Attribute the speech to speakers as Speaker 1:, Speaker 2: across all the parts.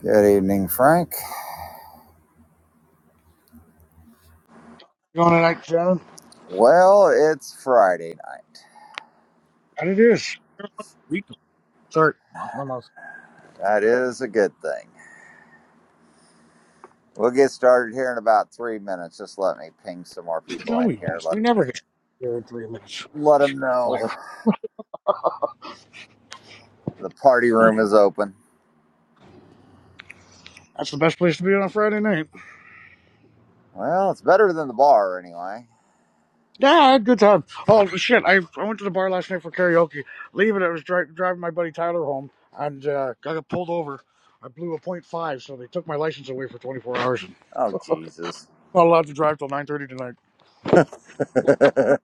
Speaker 1: Good evening, Frank.
Speaker 2: You on tonight, Shannon?
Speaker 1: Well, it's Friday night.
Speaker 2: And it is. We can start. Almost.
Speaker 1: That is a good thing. We'll get started here in about three minutes. Just let me ping some more people
Speaker 2: No,
Speaker 1: in
Speaker 2: we
Speaker 1: here.
Speaker 2: won't.
Speaker 1: Let
Speaker 2: We never hit here in three minutes.
Speaker 1: let them know
Speaker 2: Liar.
Speaker 1: the party room is open.
Speaker 2: That's the best place to be on a Friday night.
Speaker 1: Well, it's better than the bar anyway.
Speaker 2: Yeah, I had a good time. Oh, shit. I, I went to the bar last night for karaoke. Leaving, it, I was dri- driving my buddy Tyler home, and uh, I got pulled over. I blew a point five, so they took my license away for 24 hours.
Speaker 1: Oh Jesus.
Speaker 2: Not allowed to drive till 9.30 tonight.
Speaker 1: oh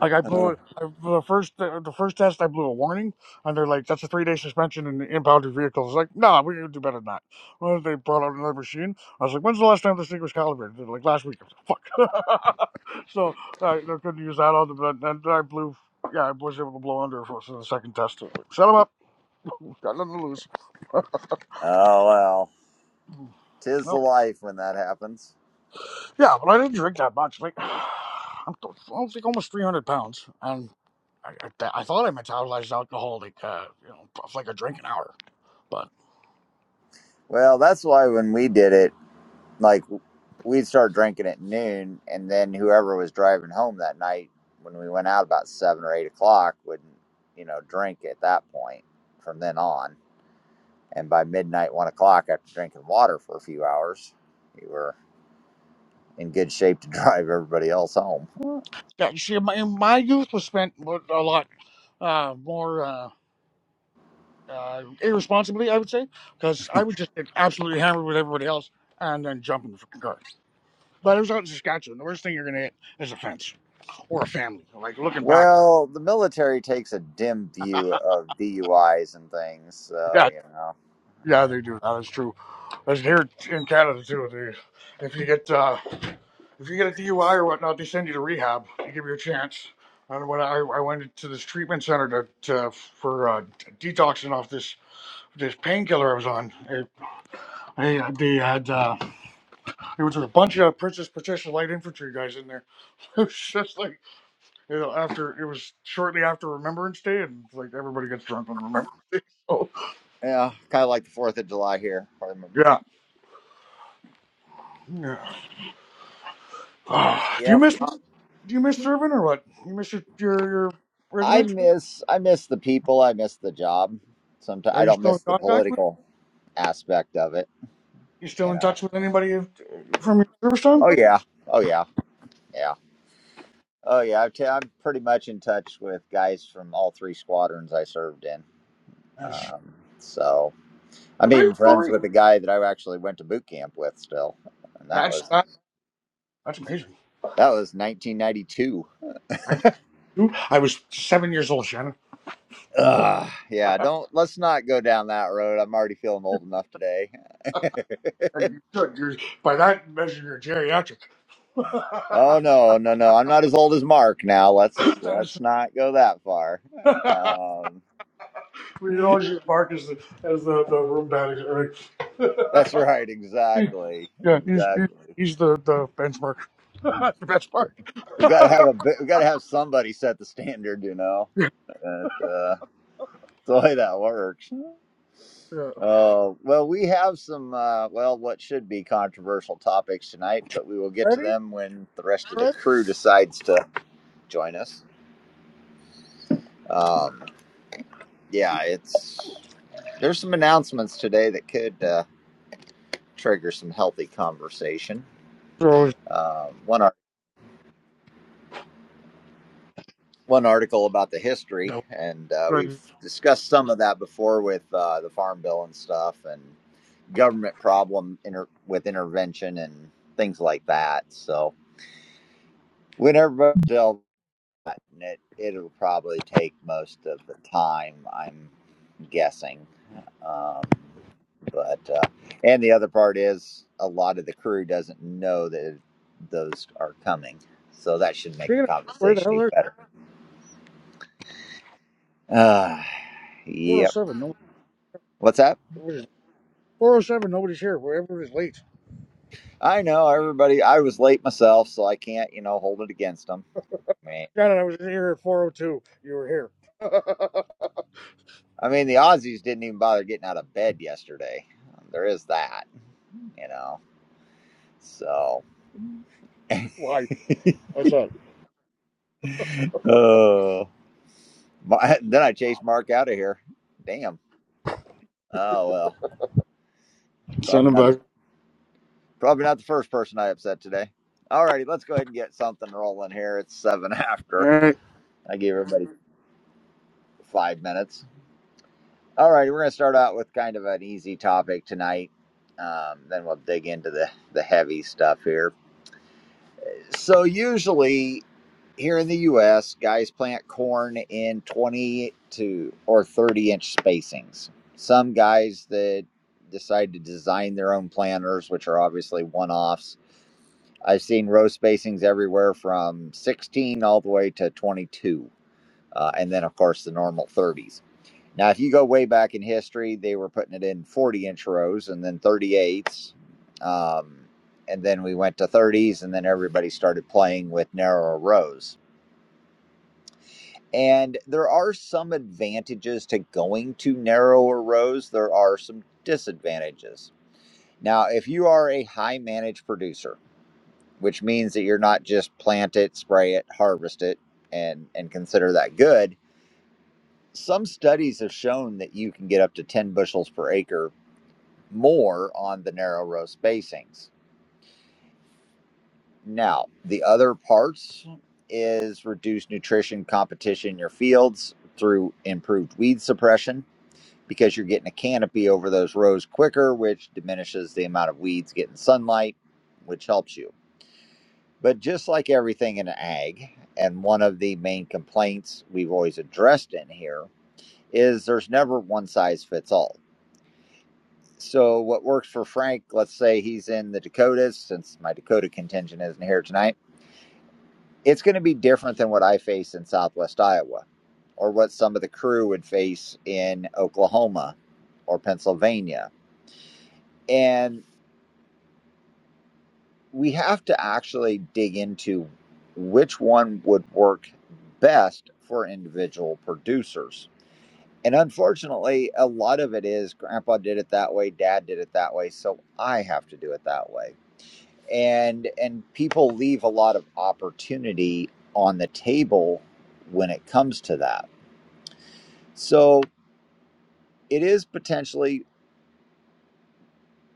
Speaker 2: Like I blew it. I, the first the, the first test, I blew a warning, and they're like, "That's a three day suspension and impounded vehicles." like, no, nah, we can do better than that. Well, they brought out another machine. I was like, "When's the last time this thing was calibrated?" They're like, "Last week." I was like, Fuck. so I I couldn't use that on them. But then I blew. Yeah, I was able to blow under for for the second test. Like, Shut them up. Got nothing to lose.
Speaker 1: oh, well, tis the
Speaker 2: No.
Speaker 1: life when that happens.
Speaker 2: Yeah, but I didn't drink that much. Like, I'm th- I was like almost 300 pounds, and I, I, I thought I metabolized alcohol like uh, you know, like a drink an hour. But
Speaker 1: Well, that's why when we did it. like. we'd start drinking at noon, and then whoever was driving home that night when we went out about seven or eight o'clock would, you know, drink at that point from then on. And by midnight, one o'clock, after drinking water for a few hours, we were in good shape to drive everybody else home.
Speaker 2: yeah, you see, my, my youth was spent with a lot uh, more uh, uh, irresponsibly, I would say, because I would just get absolutely hammered with everybody else and then jump in the fucking car. But it was out in Saskatchewan. The worst thing you're gonna hit is a fence or a family. Like looking back,
Speaker 1: Well, the military takes a dim view of DUIs and things, so
Speaker 2: yeah,
Speaker 1: you know,
Speaker 2: yeah,
Speaker 1: yeah,
Speaker 2: they do. That is true. As here in Canada too, they, if you get uh, if you get a DUI or whatnot, they send you to rehab. They give you a chance. And when I, I went to this treatment center to, to for uh, detoxing off this this painkiller I was on. It, they, they had uh, it was a bunch of Princess Patricia Light Infantry guys in there. It was just like you know, after it was shortly after Remembrance Day, and like everybody gets drunk on Remembrance Day. So
Speaker 1: yeah kind of like the Fourth of July here. Pardon me.
Speaker 2: yeah, yeah. Ah,
Speaker 1: Yep.
Speaker 2: do you miss do you miss serving or what? You miss your your, your
Speaker 1: I
Speaker 2: regiment?
Speaker 1: miss I miss the people. I miss the job. Sometimes
Speaker 2: Are
Speaker 1: I
Speaker 2: you
Speaker 1: don't
Speaker 2: still in
Speaker 1: miss the
Speaker 2: contact with?
Speaker 1: political aspect of it.
Speaker 2: You still
Speaker 1: You
Speaker 2: in
Speaker 1: know.
Speaker 2: touch with anybody uh, from your service time?
Speaker 1: Oh yeah. Oh yeah. Yeah. Oh yeah. I've t- I'm pretty much in touch with guys from all three squadrons I served in.
Speaker 2: Nice.
Speaker 1: Um, so I'm
Speaker 2: Are they
Speaker 1: even friends
Speaker 2: sorry?
Speaker 1: with a guy that I actually went to boot camp with still, and that
Speaker 2: That's
Speaker 1: was
Speaker 2: that, that's amazing.
Speaker 1: that was 1992.
Speaker 2: I, I was seven years old, Shannon.
Speaker 1: Ugh, yeah, don't let's not go down that road. I'm already feeling old enough today.
Speaker 2: And you should. You're, by that measure, you're geriatric.
Speaker 1: Oh no, no, no! I'm not as old as Mark now. Let's
Speaker 2: That is-
Speaker 1: let's not go that far.
Speaker 2: we can
Speaker 1: Um,
Speaker 2: always use Mark as the, as the, the room daddy.
Speaker 1: that's
Speaker 2: Right?
Speaker 1: right,
Speaker 2: He-
Speaker 1: exactly,
Speaker 2: yeah, he's, he's,
Speaker 1: exactly.
Speaker 2: he's the, the benchmark. the benchmark.
Speaker 1: We got to have a bit- we got to have somebody set the standard, you know.
Speaker 2: yeah.
Speaker 1: And, uh, that's the way that works.
Speaker 2: yeah.
Speaker 1: Oh well, we have some uh, well, what should be controversial topics tonight, but we will get to
Speaker 2: Ready?
Speaker 1: them when the rest of the
Speaker 2: Ready?
Speaker 1: crew decides to join us. Um, yeah, it's there's some announcements today that could. Uh, trigger some healthy conversation.
Speaker 2: So,
Speaker 1: Uh, one art, one article about the history,
Speaker 2: no.
Speaker 1: and uh,
Speaker 2: Right.
Speaker 1: we've discussed some of that before with uh, the farm bill and stuff, and government problem inter- with intervention and things like that. So whenever they'll and it it'll probably take most of the time. I'm. guessing. Um, but uh, and the other part is a lot of the crew doesn't know that those are coming, so that should make
Speaker 2: Speaking
Speaker 1: the
Speaker 2: of, where the
Speaker 1: conversation
Speaker 2: hell
Speaker 1: even
Speaker 2: are you?
Speaker 1: better. Uh, yep.
Speaker 2: 407. No,
Speaker 1: What's that?
Speaker 2: what is it? 407, nobody's here. Wherever is late.
Speaker 1: I know everybody. I was late myself, so I can't you know hold it against them. I mean,
Speaker 2: God, I was here at 402. You were here.
Speaker 1: I mean the Aussies didn't even bother getting out of bed yesterday. Um, There is that, you know. So,
Speaker 2: Why? What's up?
Speaker 1: oh, my, then I chased Mark out of here. Damn. Oh well,
Speaker 2: Send
Speaker 1: probably
Speaker 2: him
Speaker 1: not
Speaker 2: back.
Speaker 1: the probably not the first person I upset today. All righty, let's go ahead and get something rolling here. It's seven
Speaker 2: All
Speaker 1: after. I gave everybody five minutes. All righty, we're gonna start out with kind of an easy topic tonight. Um, then we'll dig into the the heavy stuff here. So usually here in the U.S., guys plant corn in twenty to or thirty inch spacings. Some guys that decide to design their own planters, which are obviously one offs I've seen row spacings everywhere from 16 all the way to 22, uh, and then of course the normal 30s. Now, if you go way back in history, they were putting it in 40 inch rows and then 38s, um, and then we went to 30s, and then everybody started playing with narrower rows. And there are some advantages to going to narrower rows. There are some disadvantages. Now, if you are a high managed producer, which means that you're not just plant it, spray it, harvest it, and and consider that good. Some studies have shown that you can get up to 10 bushels per acre more on the narrow row spacings. Now, the other parts is reduced nutrition competition in your fields through improved weed suppression because you're getting a canopy over those rows quicker, which diminishes the amount of weeds getting sunlight, which helps you But just like everything in ag, and one of the main complaints we've always addressed in here is there's never one size fits all. So, what works for Frank, let's say he's in the Dakotas, since my Dakota contingent isn't here tonight, it's going to be different than what I face in Southwest Iowa or what some of the crew would face in Oklahoma or Pennsylvania. And we have to actually dig into which one would work best for individual producers. And unfortunately, a lot of it is grandpa did it that way, dad did it that way, so I have to do it that way. And and people leave a lot of opportunity on the table when it comes to that. So it is potentially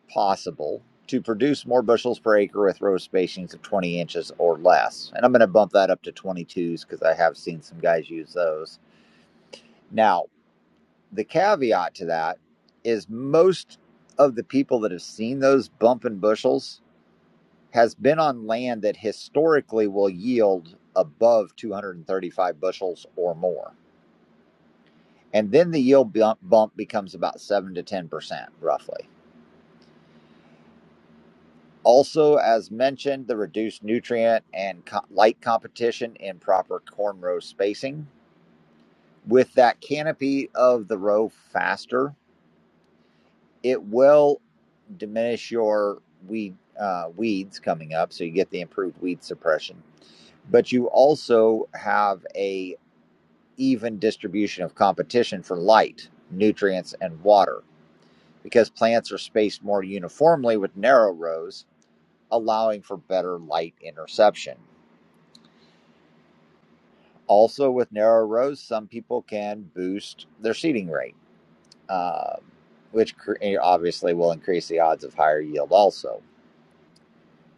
Speaker 1: possible to produce more bushels per acre with row spacings of 20 inches or less. And I'm going to bump that up to 22s because I have seen some guys use those. Now, the caveat to that is most of the people that have seen those bump in bushels has been on land that historically will yield above 235 bushels or more. And then the yield bump bump becomes about 7 to 10% roughly. Also, as mentioned, the reduced nutrient and co- light competition in proper corn row spacing. With that canopy of the row faster, it will diminish your weed uh, weeds coming up, so you get the improved weed suppression. But you also have a even distribution of competition for light, nutrients, and water because plants are spaced more uniformly with narrow rows, allowing for better light interception Also, with narrow rows, some people can boost their seeding rate, um, which cr- obviously will increase the odds of higher yield also.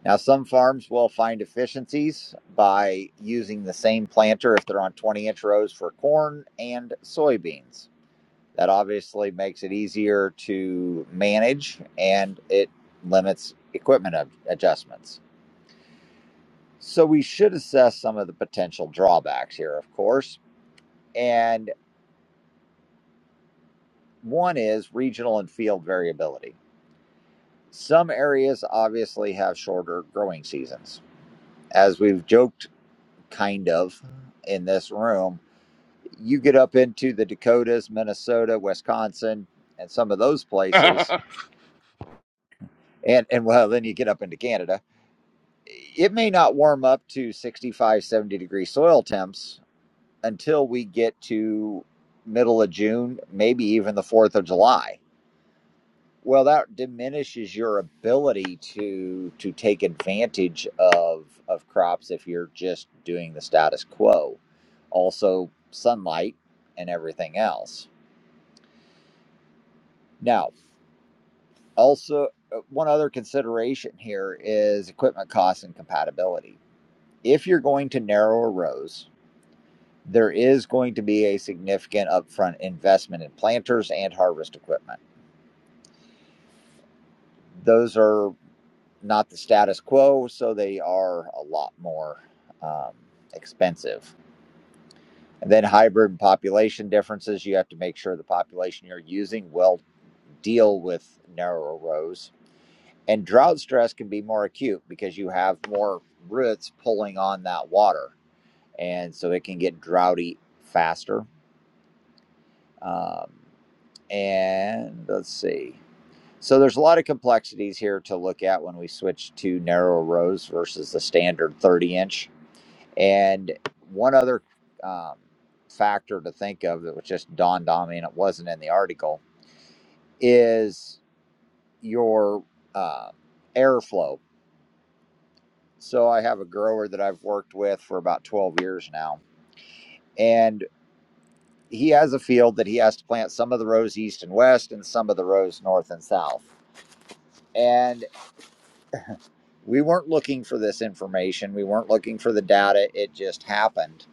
Speaker 1: Now, some farms will find efficiencies by using the same planter if they're on 20 inch rows for corn and soybeans. That obviously makes it easier to manage and it limits equipment ad- adjustments. So, we should assess some of the potential drawbacks here, of course. And One is regional and field variability. Some areas obviously have shorter growing seasons. As we've joked kind of in this room, you get up into the Dakotas, Minnesota, Wisconsin, and some of those
Speaker 2: right.
Speaker 1: places, and, and well, then you get up into Canada. It may not warm up to 65, 70 degree soil temps until we get to middle of June, maybe even the 4th of July Well, that diminishes your ability to to take advantage of of crops if you're just doing the status quo. Also, sunlight and everything else. Now, also uh, one other consideration here is equipment costs and compatibility. If you're going to narrow a rows, there is going to be a significant upfront investment in planters and harvest equipment. Those are not the status quo, so they are a lot more um, expensive. And then hybrid and population differences, you have to make sure the population you're using will deal with narrower rows. And drought stress can be more acute because you have more roots pulling on that water. And so it can get droughty faster. Um, and let's see. So there's a lot of complexities here to look at when we switch to narrow rows versus the standard 30 inch And one other um, factor to think of that was just dawned on me and it wasn't in the article is your uh, airflow. So I have a grower that I've worked with for about 12 years now, and he has a field that he has to plant some of the rows east and west and some of the rows north and south. And we weren't looking for this information. We weren't looking for the data. It just happened.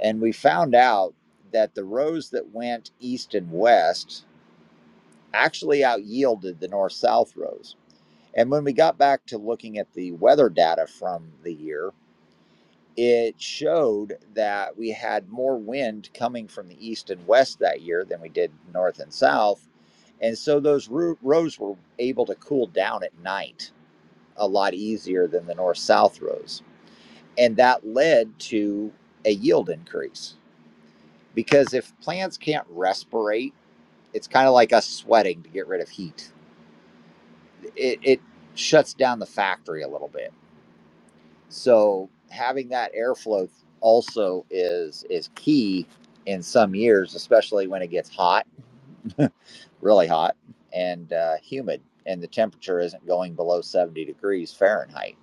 Speaker 1: And we found out that the rows that went east and west actually out yielded the north south rows. And when we got back to looking at the weather data from the year, it showed that we had more wind coming from the east and west that year than we did north and south. And so those rows were able to cool down at night a lot easier than the north south rows. And that led to a yield increase because if plants can't respirate, it's kind of like us sweating to get rid of heat it, it shuts down the factory a little bit. So having that airflow also is is key in some years, especially when it gets hot, really hot and uh, humid, and the temperature isn't going below seventy degrees Fahrenheit.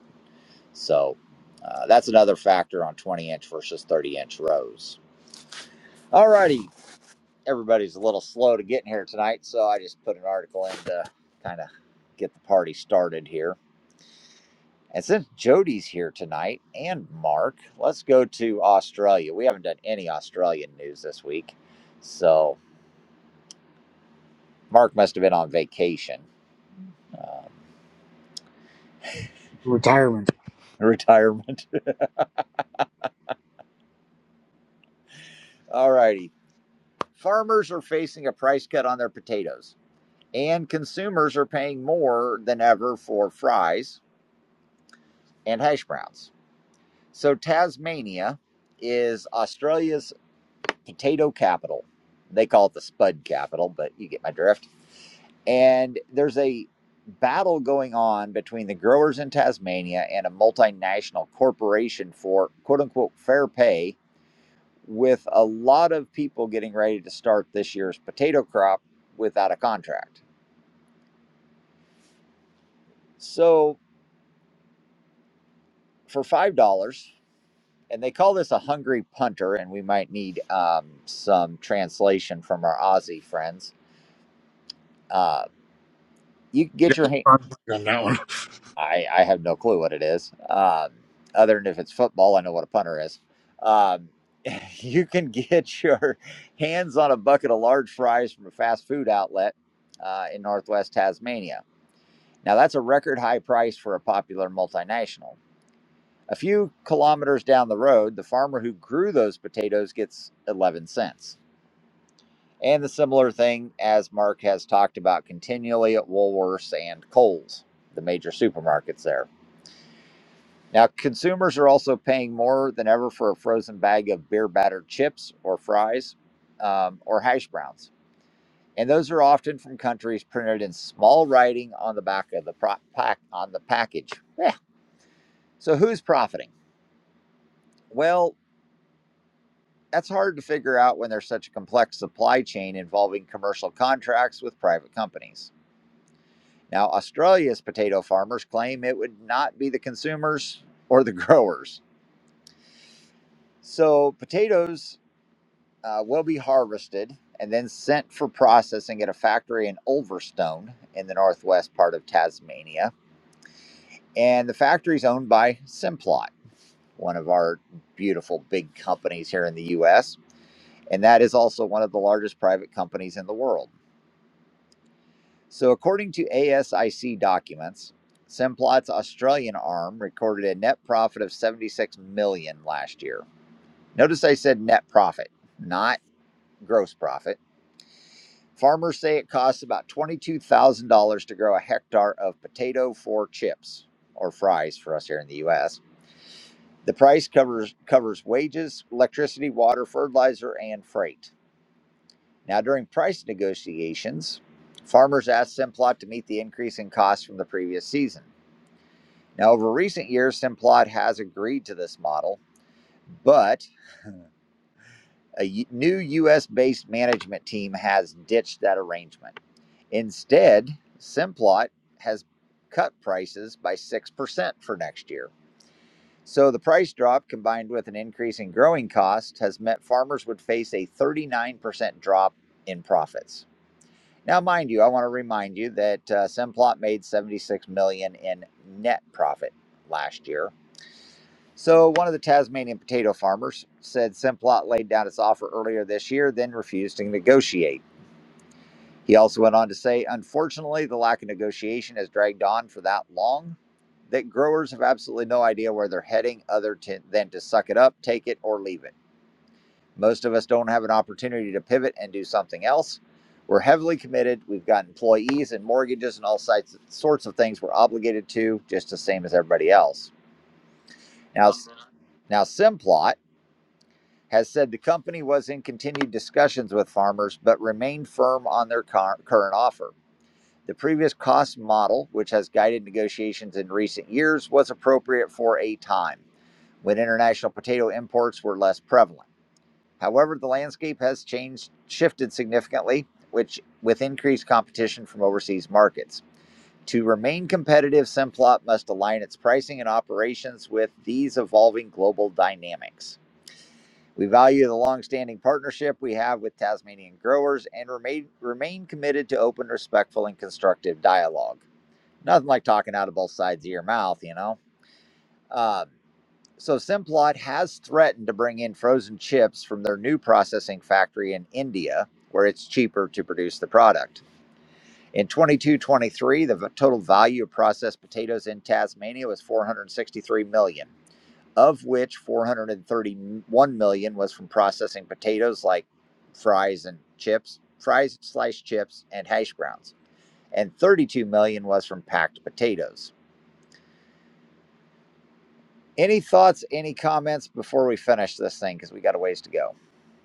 Speaker 1: So uh, that's another factor on twenty inch versus thirty inch rows. Alrighty, everybody's a little slow to get in here tonight, so I just put an article in to kind of get the party started here. And since Jody's here tonight and Mark, let's go to Australia. We haven't done any Australian news this week. So Mark must have been on vacation, um,
Speaker 2: Retirement.
Speaker 1: retirement. All righty. Farmers are facing a price cut on their potatoes, and consumers are paying more than ever for fries and hash browns. So Tasmania is Australia's potato capital. They call it the Spud capital, but you get my drift. And there's a battle going on between the growers in Tasmania and a multinational corporation for quote unquote fair pay, with a lot of people getting ready to start this year's potato crop without a contract. So for $5, and they call this a hungry punter, and we might need um, some translation from our Aussie friends. Uh, you can
Speaker 2: Yeah,
Speaker 1: get your
Speaker 2: I'm on that one.
Speaker 1: I I have no clue what it is. Um, other than if it's football, I know what a punter is. Um, you can get your hands on a bucket of large fries from a fast food outlet uh, in northwest Tasmania. Now that's a record high price for a popular multinational. A few kilometers down the road, the farmer who grew those potatoes gets 11 cents. And the similar thing as Mark has talked about continually at Woolworths and Coles, the major supermarkets there. Now, consumers are also paying more than ever for a frozen bag of beer battered chips or fries um, or hash browns. And those are often from countries printed in small writing on the back of the pro- pack on the package. Yeah. So who's profiting? Well, that's hard to figure out when there's such a complex supply chain involving commercial contracts with private companies. Now, Australia's potato farmers claim it would not be the consumers or the growers. So potatoes uh, will be harvested and then sent for processing at a factory in Ulverstone in the northwest part of Tasmania. And the factory is owned by Simplot, one of our beautiful big companies here in the US. And that is also one of the largest private companies in the world. So, according to ASIC documents, Simplot's Australian arm recorded a net profit of 76 million dollars last year. Notice I said net profit, not gross profit Farmers say it costs about $22,000 to grow a hectare of potato for chips or fries for us here in the US. The price covers covers wages, electricity, water, fertilizer, and freight. Now during price negotiations, farmers asked Simplot to meet the increase in costs from the previous season. Now over recent years Simplot has agreed to this model, but a new US-based management team has ditched that arrangement. Instead, Simplot has cut prices by 6% for next year. So the price drop combined with an increase in growing costs has meant farmers would face a 39% drop in profits. Now, mind you, I want to remind you that uh, Simplot made 76 million dollars in net profit last year. So one of the Tasmanian potato farmers said Simplot laid down its offer earlier this year, then refused to negotiate. He also went on to say, unfortunately, the lack of negotiation has dragged on for that long that growers have absolutely no idea where they're heading other than to suck it up, take it, or leave it. Most of us don't have an opportunity to pivot and do something else. We're heavily committed. We've got employees and mortgages and all sorts of things we're obligated to, just the same as everybody else. Now, now Simplot has said the company was in continued discussions with farmers, but remained firm on their car, current offer. The previous cost model, which has guided negotiations in recent years, was appropriate for a time when international potato imports were less prevalent. However, the landscape has changed, shifted significantly, which with increased competition from overseas markets. To remain competitive, Simplot must align its pricing and operations with these evolving global dynamics. We value the long-standing partnership we have with Tasmanian growers and remain, remain committed to open, respectful, and constructive dialogue. Nothing like talking out of both sides of your mouth, you know? Um, so Simplot has threatened to bring in frozen chips from their new processing factory in India, where it's cheaper to produce the product. In 2223, the v- total value of processed potatoes in Tasmania was 463 million, dollars, of which 431 million dollars was from processing potatoes like fries and chips, fries, sliced chips, and hash browns, and 32 million dollars was from packed potatoes. Any thoughts, any comments before we finish this thing? Because we got a ways to go.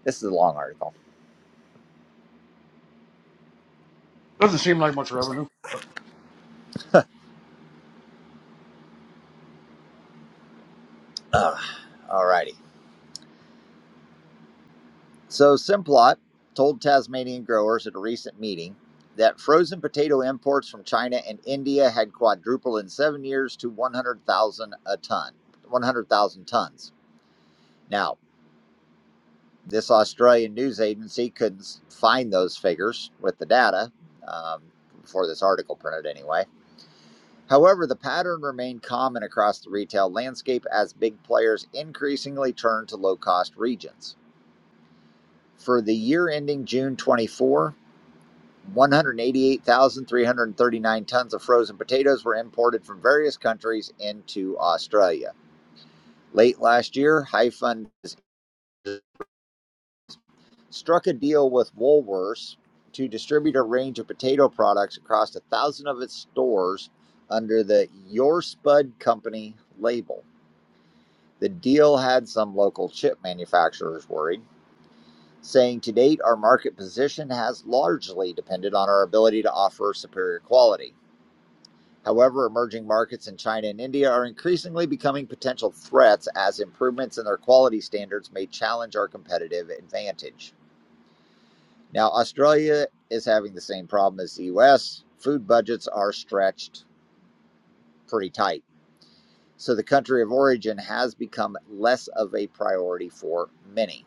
Speaker 1: This is a long article.
Speaker 2: Doesn't seem like much revenue, but
Speaker 1: Uh, All righty. So, Simplot told Tasmanian growers at a recent meeting that frozen potato imports from China and India had quadrupled in seven years to 100,000 a ton, 100,000 tons. Now, this Australian news agency couldn't find those figures with the data um, before this article printed, anyway However, the pattern remained common across the retail landscape as big players increasingly turned to low cost regions. For the year ending June 24, 188,339 tons of frozen potatoes were imported from various countries into Australia. Late last year, Hyphen struck a deal with Woolworths to distribute a range of potato products across a thousand of its stores under the Your Spud Company label. The deal had some local chip manufacturers worried, saying, To date, our market position has largely depended on our ability to offer superior quality. However, emerging markets in China and India are increasingly becoming potential threats as improvements in their quality standards may challenge our competitive advantage. Now, Australia is having the same problem as the US. Food budgets are stretched pretty tight. So, the country of origin has become less of a priority for many.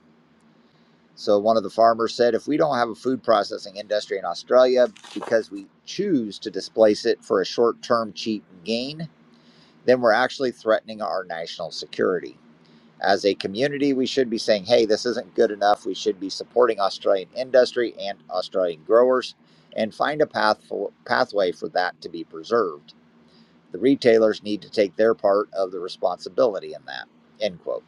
Speaker 1: So one of the farmers said, if we don't have a food processing industry in Australia because we choose to displace it for a short term cheap gain, then we're actually threatening our national security. As a community, we should be saying, hey, this isn't good enough. We should be supporting Australian industry and Australian growers and find a path for, pathway for that to be preserved. The retailers need to take their part of the responsibility in that. End quote.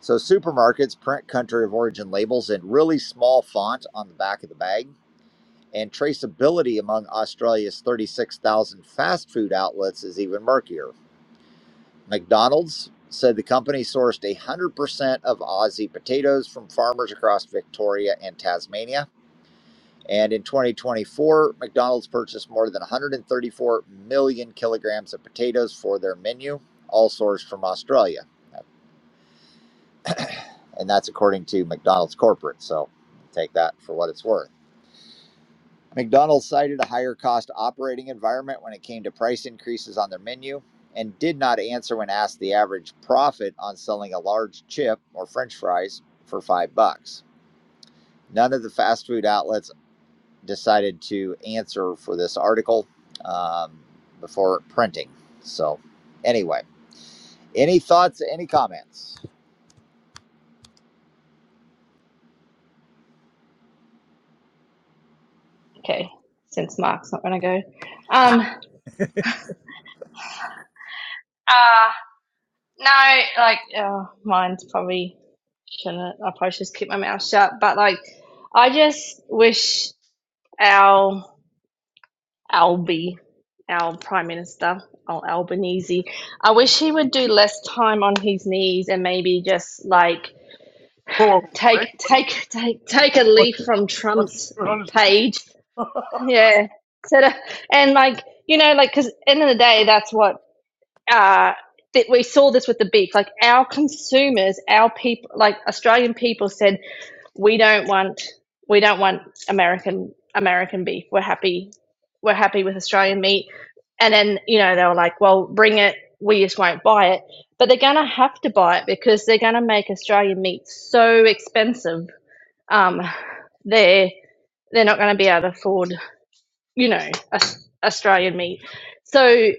Speaker 1: So supermarkets print country of origin labels in really small font on the back of the bag, and traceability among Australia's 36,000 fast food outlets is even murkier. McDonald's said the company sourced 100% of Aussie potatoes from farmers across Victoria and Tasmania. And in 2024, McDonald's purchased more than 134 million kilograms of potatoes for their menu, all sourced from Australia. and that's according to McDonald's corporate. So take that for what it's worth. McDonald's cited a higher cost operating environment when it came to price increases on their menu and did not answer when asked the average profit on selling a large chip or french fries for 5 bucks. None of the fast food outlets decided to answer for this article um, before printing. So anyway, any thoughts, any comments?
Speaker 3: okay, since Mark's not going to go. Um, uh, no, like, oh, mine's probably shouldn't. I probably just keep my mouth shut. But like, I just wish our Albi, our Prime Minister, our Albanese, I wish he would do less time on his knees and maybe just like
Speaker 2: whoa, whoa, wait,
Speaker 3: take
Speaker 2: what,
Speaker 3: take take take a
Speaker 2: what,
Speaker 3: leaf from
Speaker 2: what's he
Speaker 3: Trump's
Speaker 2: doing on his knees?
Speaker 3: page. Yeah. So that- and like you know like because end of the day that's what uh, that we saw this with the big, like our consumers, our people, like Australian people said, we don't want, we don't want American American beef. We're happy, we're happy with Australian meat. And then you know they were like, well, bring it. We just won't buy it. But they're gonna have to buy it because they're gonna make Australian meat so expensive. Um, they're they're not gonna be able to afford you know Australian meat. So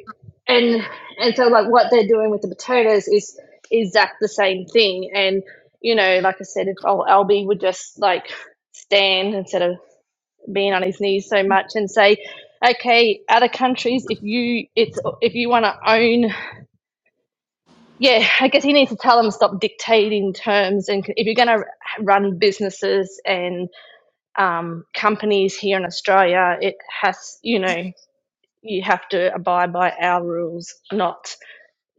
Speaker 3: and and so like what they're doing with the potatoes is exact the same thing. And you know, like I said, if old Albie would just like stand instead of being on his knees so much and say, okay, other countries, if you it's if you want to own, yeah, I guess he needs to tell them stop dictating terms. And if you're going to run businesses and um, companies here in Australia, it has you know you have to abide by our rules, not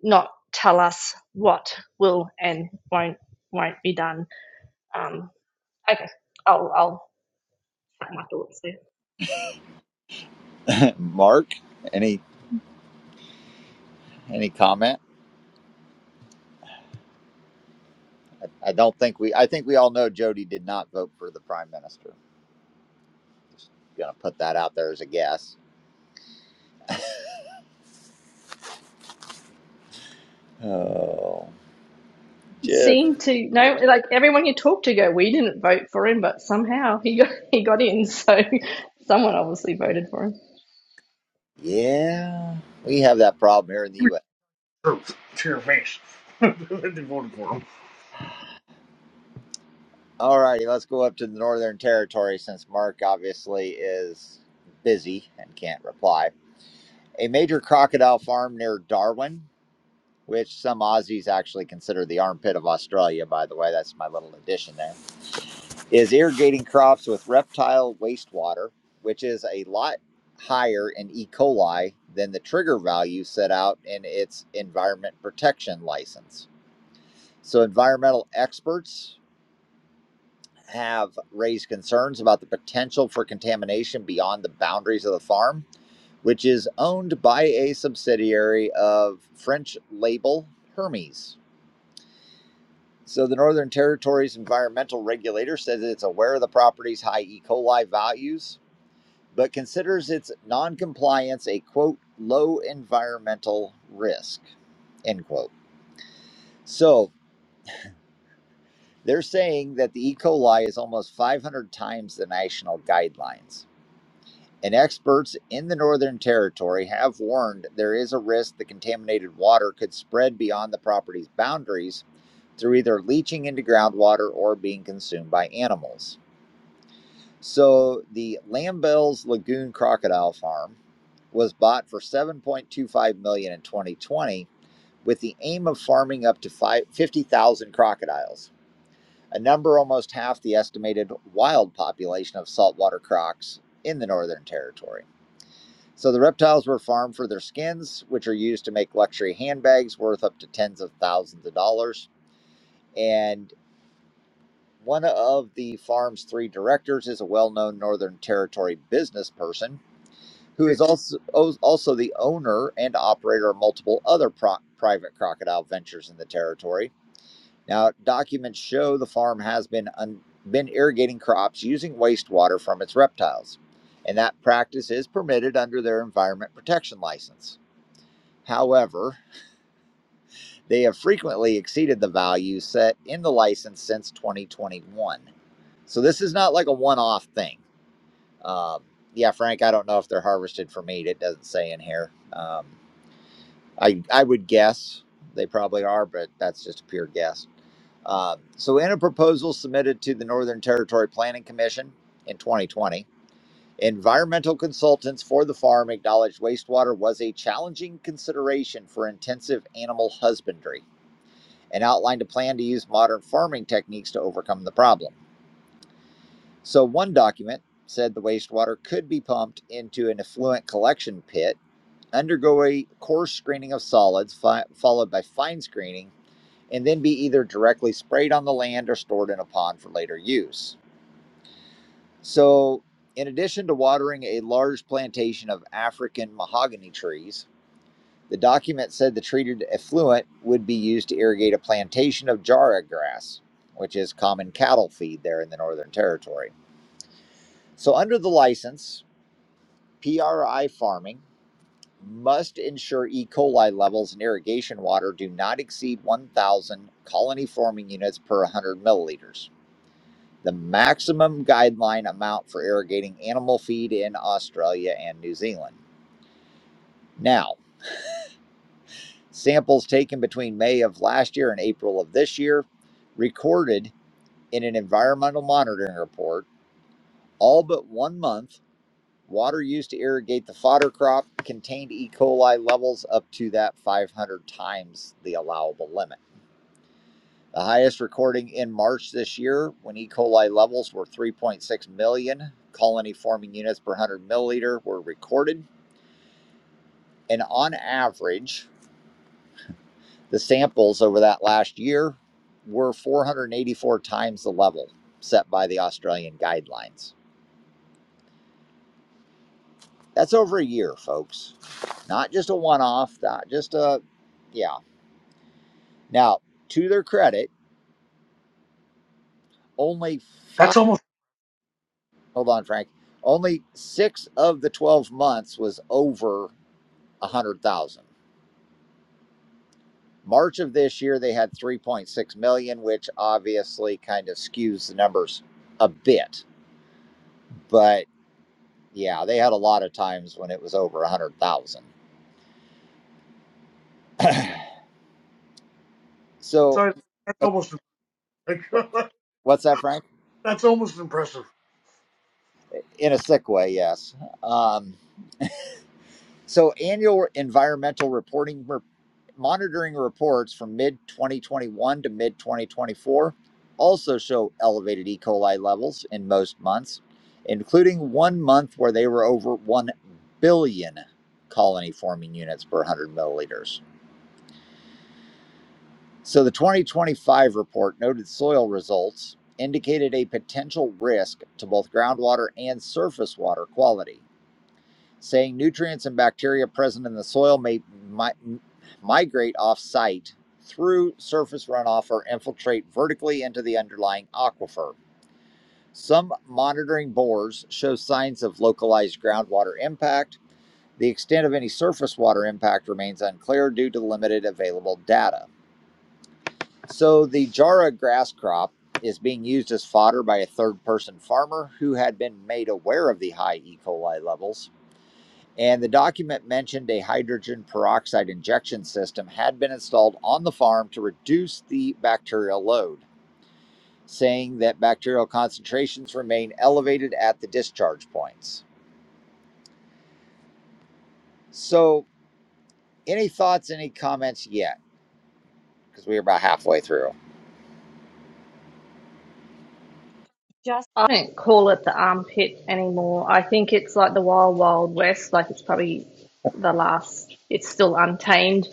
Speaker 3: not tell us what will and won't won't be done. Um, okay, I'll I'll pack my thoughts there.
Speaker 1: Mark, any any comment? I I don't think we. I think we all know Jody did not vote for the prime minister. Gonna put that out there as a guess. Oh, just
Speaker 3: Seem to no, like everyone you talk to go, we didn't vote for him, but somehow he got he got in. So someone obviously voted for him.
Speaker 1: yeah. We have that problem here in the U.S.
Speaker 2: Truth to your face. they voted for him.
Speaker 1: All righty, let's go up to the Northern Territory since Mark obviously is busy and can't reply. A major crocodile farm near Darwin, which some Aussies actually consider the armpit of Australia. By the way, that's my little addition there is irrigating crops with reptile wastewater, which is a lot higher in E. coli than the trigger value set out in its environment protection license. So, environmental experts have raised concerns about the potential for contamination beyond the boundaries of the farm, which is owned by a subsidiary of French label Hermes. So the Northern Territory's environmental regulator says it's aware of the property's high E. coli values but considers its noncompliance a quote low environmental risk end quote. So they're saying that the E. coli is almost 500 times the national guidelines. And experts in the Northern Territory have warned there is a risk the contaminated water could spread beyond the property's boundaries through either leaching into groundwater or being consumed by animals. So the Lambell's Lagoon Crocodile Farm was bought for 7.25 million dollars in 2020 with the aim of farming up to 50,000 crocodiles, a number almost half the estimated wild population of saltwater crocs in the Northern Territory. So the reptiles were farmed for their skins, which are used to make luxury handbags worth up to tens of thousands of dollars. And one of the farm's three directors is a well known Northern Territory business person who
Speaker 2: It-
Speaker 1: is also also the owner and operator of multiple other pro- private crocodile ventures in the territory. Now, documents show the farm has been un- been irrigating crops using wastewater from its reptiles, and that practice is permitted under their environment protection license. However, they have frequently exceeded the value set in the license since 2021. So this is not like a one-off thing. Um, yeah, Frank, I don't know if they're harvested for meat. It doesn't say in here. Um, I I would guess they probably are, but that's just a pure guess. Uh, so, in a proposal submitted to the Northern Territory Planning Commission in 2020, environmental consultants for the farm acknowledged wastewater was a challenging consideration for intensive animal husbandry and outlined a plan to use modern farming techniques to overcome the problem. So, one document said the wastewater could be pumped into an effluent collection pit undergo a coarse screening of solids, fi- followed by fine screening, and then be either directly sprayed on the land or stored in a pond for later use. So, in addition to watering a large plantation of African mahogany trees, the document said the treated effluent would be used to irrigate a plantation of jarrah grass, which is common cattle feed there in the Northern Territory. So, under the license, PRI farming must ensure E. coli levels in irrigation water do not exceed 1,000 colony forming units per 100 milliliters, the maximum guideline amount for irrigating animal feed in Australia and New Zealand. Now, samples taken between May of last year and April of this year, recorded in an environmental monitoring report, all but one month. Water used to irrigate the fodder crop contained E. coli levels up to that 500 times the allowable limit. The highest recording in March this year when E. coli levels were 3.6 million colony forming units per 100 milliliter were recorded. And on average, the samples over that last year were 484 times the level set by the Australian guidelines. That's over a year, folks. Not just a one off, not just a, yeah. Now, to their credit, only five,
Speaker 2: That's almost
Speaker 1: hold on, Frank, only six of the 12 months was over 100,000. March of this year, they had 3.6 million, which obviously kind of skews the numbers a bit. But yeah, they had a lot of times when it was over 100,000. so,
Speaker 2: sorry, that's almost like,
Speaker 1: what's that, Frank?
Speaker 2: that's almost impressive.
Speaker 1: In a sick way, yes. Um, So, annual environmental reporting re- monitoring reports from mid 2021 to mid 2024 also show elevated E. coli levels in most months, including one month where they were over 1 billion colony forming units per 100 milliliters. So, the 2025 report noted soil results indicated a potential risk to both groundwater and surface water quality saying nutrients and bacteria present in the soil may mi- migrate off site through surface runoff or infiltrate vertically into the underlying aquifer. Some monitoring bores show signs of localized groundwater impact. The extent of any surface water impact remains unclear due to limited available data. So, the jarrah grass crop is being used as fodder by a third person farmer who had been made aware of the high E. coli levels. And the document mentioned a hydrogen peroxide injection system had been installed on the farm to reduce the bacterial load, saying that bacterial concentrations remain elevated at the discharge points. So, any thoughts, any comments yet? Because we're about halfway through.
Speaker 3: just I don't call it the armpit anymore. I think it's like the wild wild west. Like it's probably the last. It's still untamed.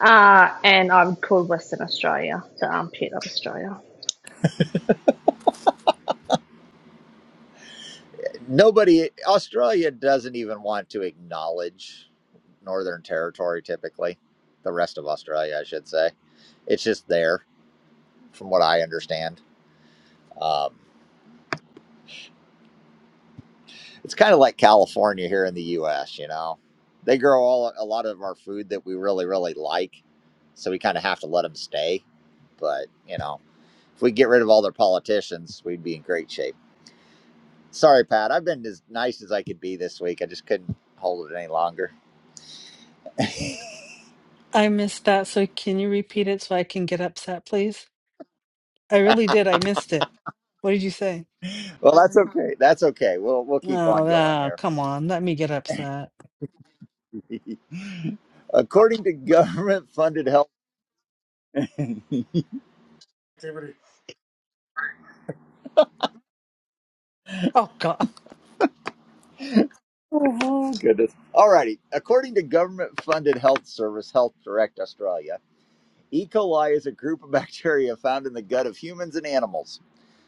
Speaker 3: Uh, and I would call Western Australia the armpit of Australia.
Speaker 1: Nobody, Australia doesn't even want to acknowledge Northern Territory typically, the rest of Australia, I should say. It's just there, from what I understand. Um, It's kind of like California here in the U.S. You know, they grow all a lot of our food that we really really like, so we kind of have to let them stay. But you know, if we get rid of all their politicians, we'd be in great shape. Sorry, Pat. I've been as nice as I could be this week. I just couldn't hold it any longer.
Speaker 4: I missed that. So can you repeat it so I can get upset, please? I really did. I missed it. What did you say?
Speaker 1: well, that's okay. That's okay. We'll we'll keep on
Speaker 4: Oh,
Speaker 1: going
Speaker 4: ah,
Speaker 1: here.
Speaker 4: come on. Let me get upset.
Speaker 1: According to government funded health.
Speaker 2: Activity.
Speaker 4: Oh, God.
Speaker 1: Oh, goodness. Alrighty. According to government funded health service Health Direct Australia, E. coli is a group of bacteria found in the gut of humans and animals.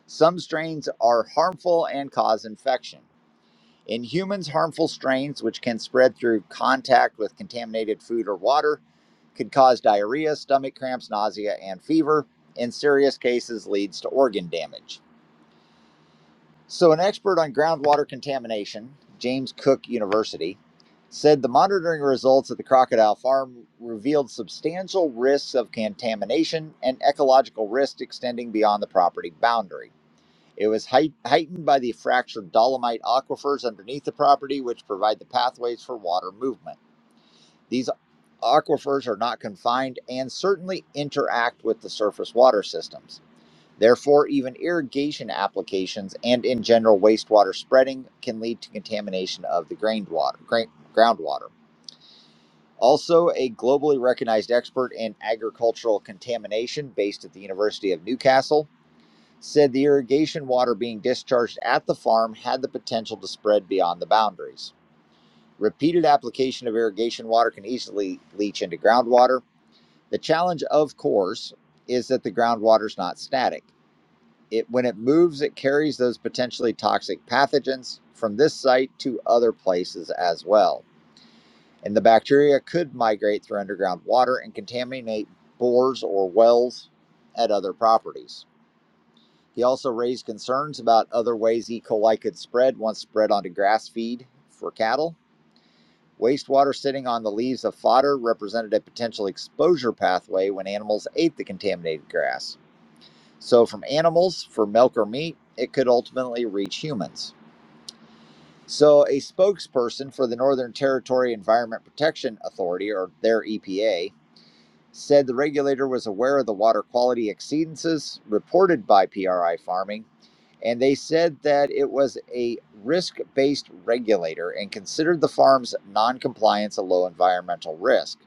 Speaker 1: Some strains are harmful and cause infection. In humans, harmful strains, which can spread through contact with contaminated food or water, could cause diarrhea, stomach cramps, nausea, and fever. In serious cases, leads to organ damage. So, an expert on groundwater contamination, James Cook University, said the monitoring results at the crocodile farm revealed substantial risks of contamination and ecological risk extending beyond the property boundary. It was height- heightened by the fractured dolomite aquifers underneath the property, which provide the pathways for water movement. These aquifers are not confined and certainly interact with the surface water systems. Therefore, even irrigation applications and in general wastewater spreading can lead to contamination of the grained water, grain, groundwater. Also, a globally recognized expert in agricultural contamination based at the University of Newcastle said the irrigation water being discharged at the farm had the potential to spread beyond the boundaries. Repeated application of irrigation water can easily leach into groundwater. The challenge, of course, is that the groundwater is not static. it when it moves it carries those potentially toxic pathogens from this site to other places as well and the bacteria could migrate through underground water and contaminate bores or wells at other properties he also raised concerns about other ways e coli could spread once spread onto grass feed for cattle wastewater sitting on the leaves of fodder represented a potential exposure pathway when animals ate the contaminated grass so, from animals for milk or meat, it could ultimately reach humans. So, a spokesperson for the Northern Territory Environment Protection Authority, or their EPA, said the regulator was aware of the water quality exceedances reported by PRI farming, and they said that it was a risk based regulator and considered the farm's non-compliance a low environmental risk.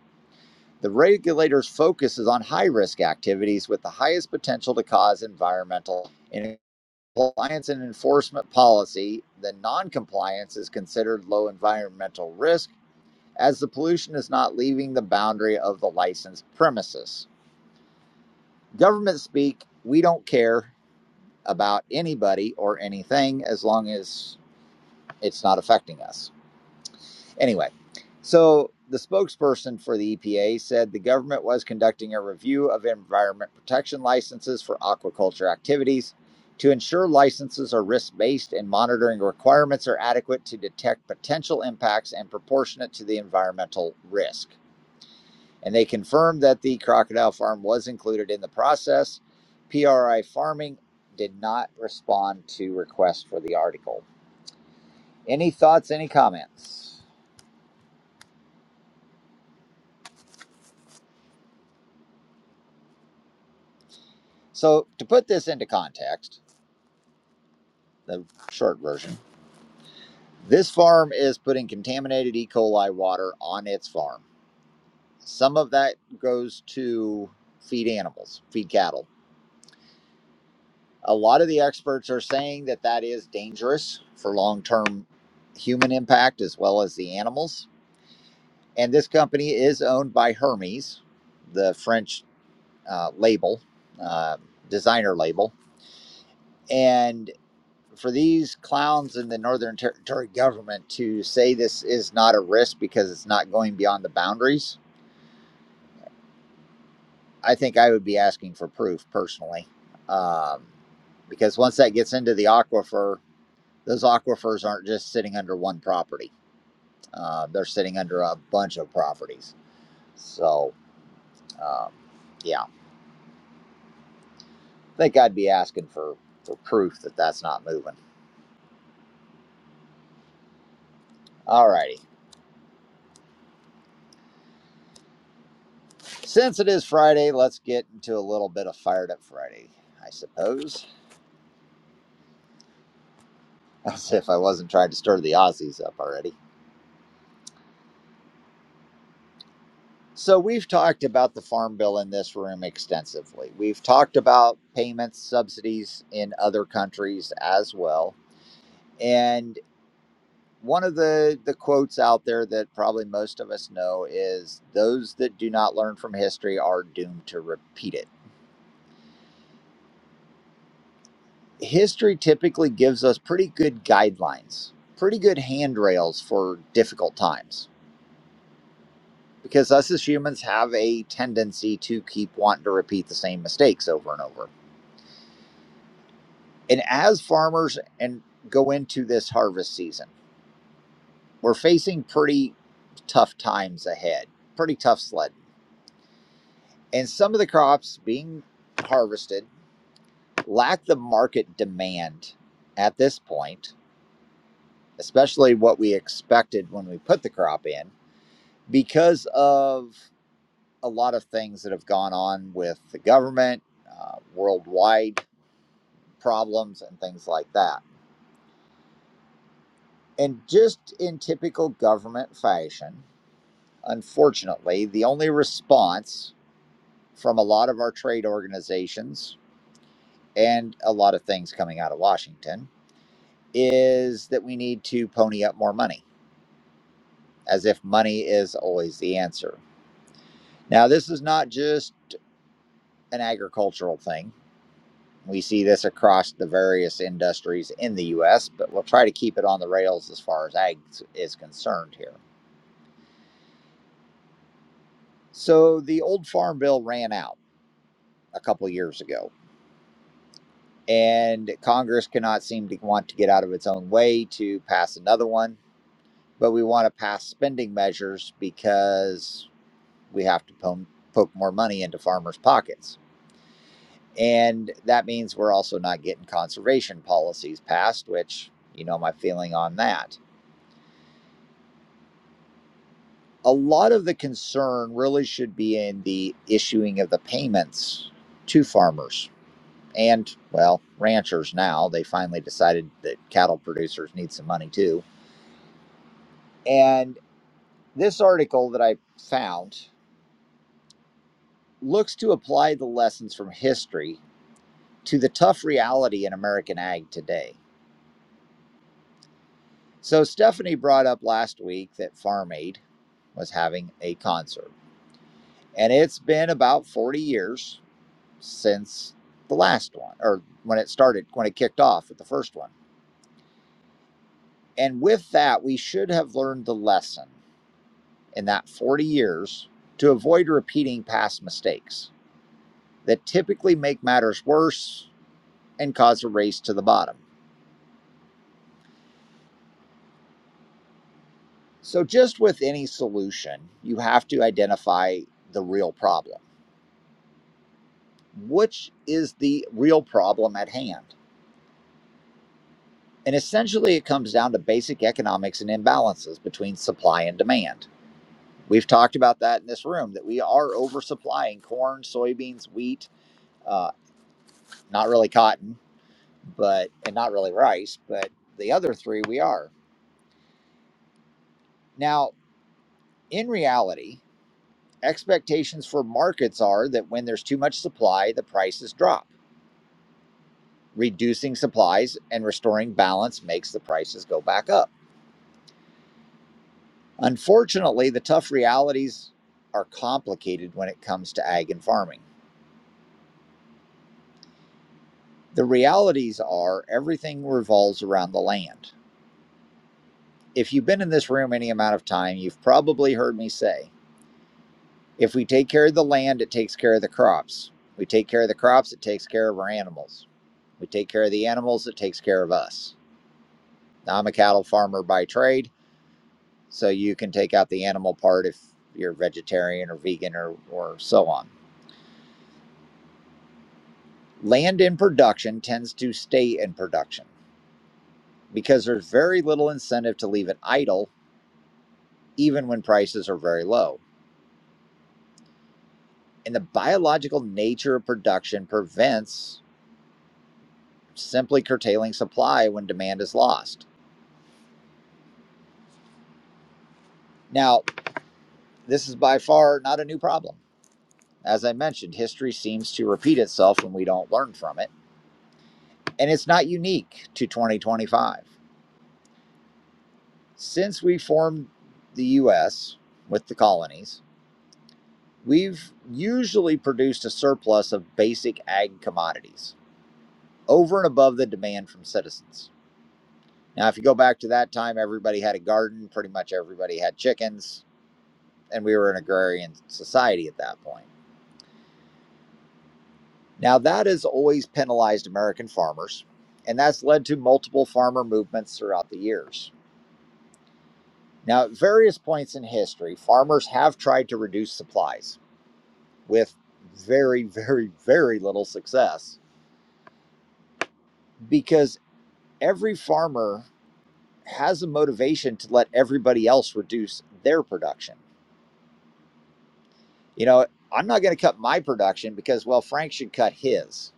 Speaker 1: The regulator's focus is on high risk activities with the highest potential to cause environmental and compliance and enforcement policy, then noncompliance is considered low environmental risk as the pollution is not leaving the boundary of the licensed premises. Government speak, we don't care about anybody or anything as long as it's not affecting us. Anyway, so the spokesperson for the EPA said the government was conducting a review of environment protection licenses for aquaculture activities to ensure licenses are risk based and monitoring requirements are adequate to detect potential impacts and proportionate to the environmental risk. And they confirmed that the crocodile farm was included in the process. PRI Farming did not respond to requests for the article. Any thoughts, any comments? So, to put this into context, the short version, this farm is putting contaminated E. coli water on its farm. Some of that goes to feed animals, feed cattle. A lot of the experts are saying that that is dangerous for long term human impact as well as the animals. And this company is owned by Hermes, the French uh, label, uh, designer label. and. for these clowns in the Northern Territory government to say this is not a risk because it's not going beyond the boundaries, I think I would be asking for proof personally. Um, because once that gets into the aquifer, those aquifers aren't just sitting under one property, uh, they're sitting under a bunch of properties. So, um, yeah, I think I'd be asking for, for proof that that's not moving. Alrighty, Since it is Friday, let's get into a little bit of Fired Up Friday, I suppose. As if I wasn't trying to stir the Aussies up already. So, we've talked about the farm bill in this room extensively. We've talked about payments, subsidies in other countries as well. And one of the, the quotes out there that probably most of us know is those that do not learn from history are doomed to repeat it. History typically gives us pretty good guidelines, pretty good handrails for difficult times because us as humans have a tendency to keep wanting to repeat the same mistakes over and over. And as farmers and go into this harvest season, we're facing pretty tough times ahead, pretty tough sledding. And some of the crops being harvested lack the market demand at this point, especially what we expected when we put the crop in, because of a lot of things that have gone on with the government uh, worldwide problems and things like that. And just in typical government fashion, unfortunately, the only response from a lot of our trade organizations and a lot of things coming out of Washington is that we need to pony up more money, as if money is always the answer. Now, this is not just an agricultural thing. We see this across the various industries in the US, but we'll try to keep it on the rails as far as ag is concerned here So the old farm bill ran out a couple of years ago, and Congress cannot seem to want to get out of its own way to pass another one. But we want to pass spending measures because we have to po- poke more money into farmers' pockets. And that means we're also not getting conservation policies passed, which, you know, my feeling on that. A lot of the concern really should be in the issuing of the payments to farmers and well ranchers now they finally decided that cattle producers need some money too and this article that i found looks to apply the lessons from history to the tough reality in american ag today so stephanie brought up last week that farm aid was having a concert and it's been about 40 years since the last one or when it started when it kicked off with the first one and with that we should have learned the lesson in that 40 years to avoid repeating past mistakes that typically make matters worse and cause a race to the bottom. So, just with any solution, you have to identify the real problem. Which is the real problem at hand? And essentially, it comes down to basic economics and imbalances between supply and demand. We've talked about that in this room that we are oversupplying corn, soybeans, wheat, uh, not really cotton, but and not really rice, but the other three we are. Now, in reality, expectations for markets are that when there's too much supply, the prices drop. Reducing supplies and restoring balance makes the prices go back up. Unfortunately, the tough realities are complicated when it comes to ag and farming. The realities are everything revolves around the land. If you've been in this room any amount of time, you've probably heard me say If we take care of the land, it takes care of the crops. We take care of the crops, it takes care of our animals. We take care of the animals, it takes care of us. Now, I'm a cattle farmer by trade, so you can take out the animal part if you're vegetarian or vegan or, or so on. Land in production tends to stay in production because there's very little incentive to leave it idle, even when prices are very low. And the biological nature of production prevents simply curtailing supply when demand is lost. Now, This is by far not a new problem. As I mentioned, history seems to repeat itself when we don't learn from it. And it's not unique to 2025. Since we formed the US with the colonies, we've usually produced a surplus of basic ag commodities over and above the demand from citizens. Now, if you go back to that time, everybody had a garden, pretty much everybody had chickens, and we were an agrarian society at that point. Now, that has always penalized American farmers, and that's led to multiple farmer movements throughout the years. Now, at various points in history, farmers have tried to reduce supplies with very, very, very little success because every farmer has a motivation to let everybody else reduce their production. You know, I'm not going to cut my production because, well, Frank should cut his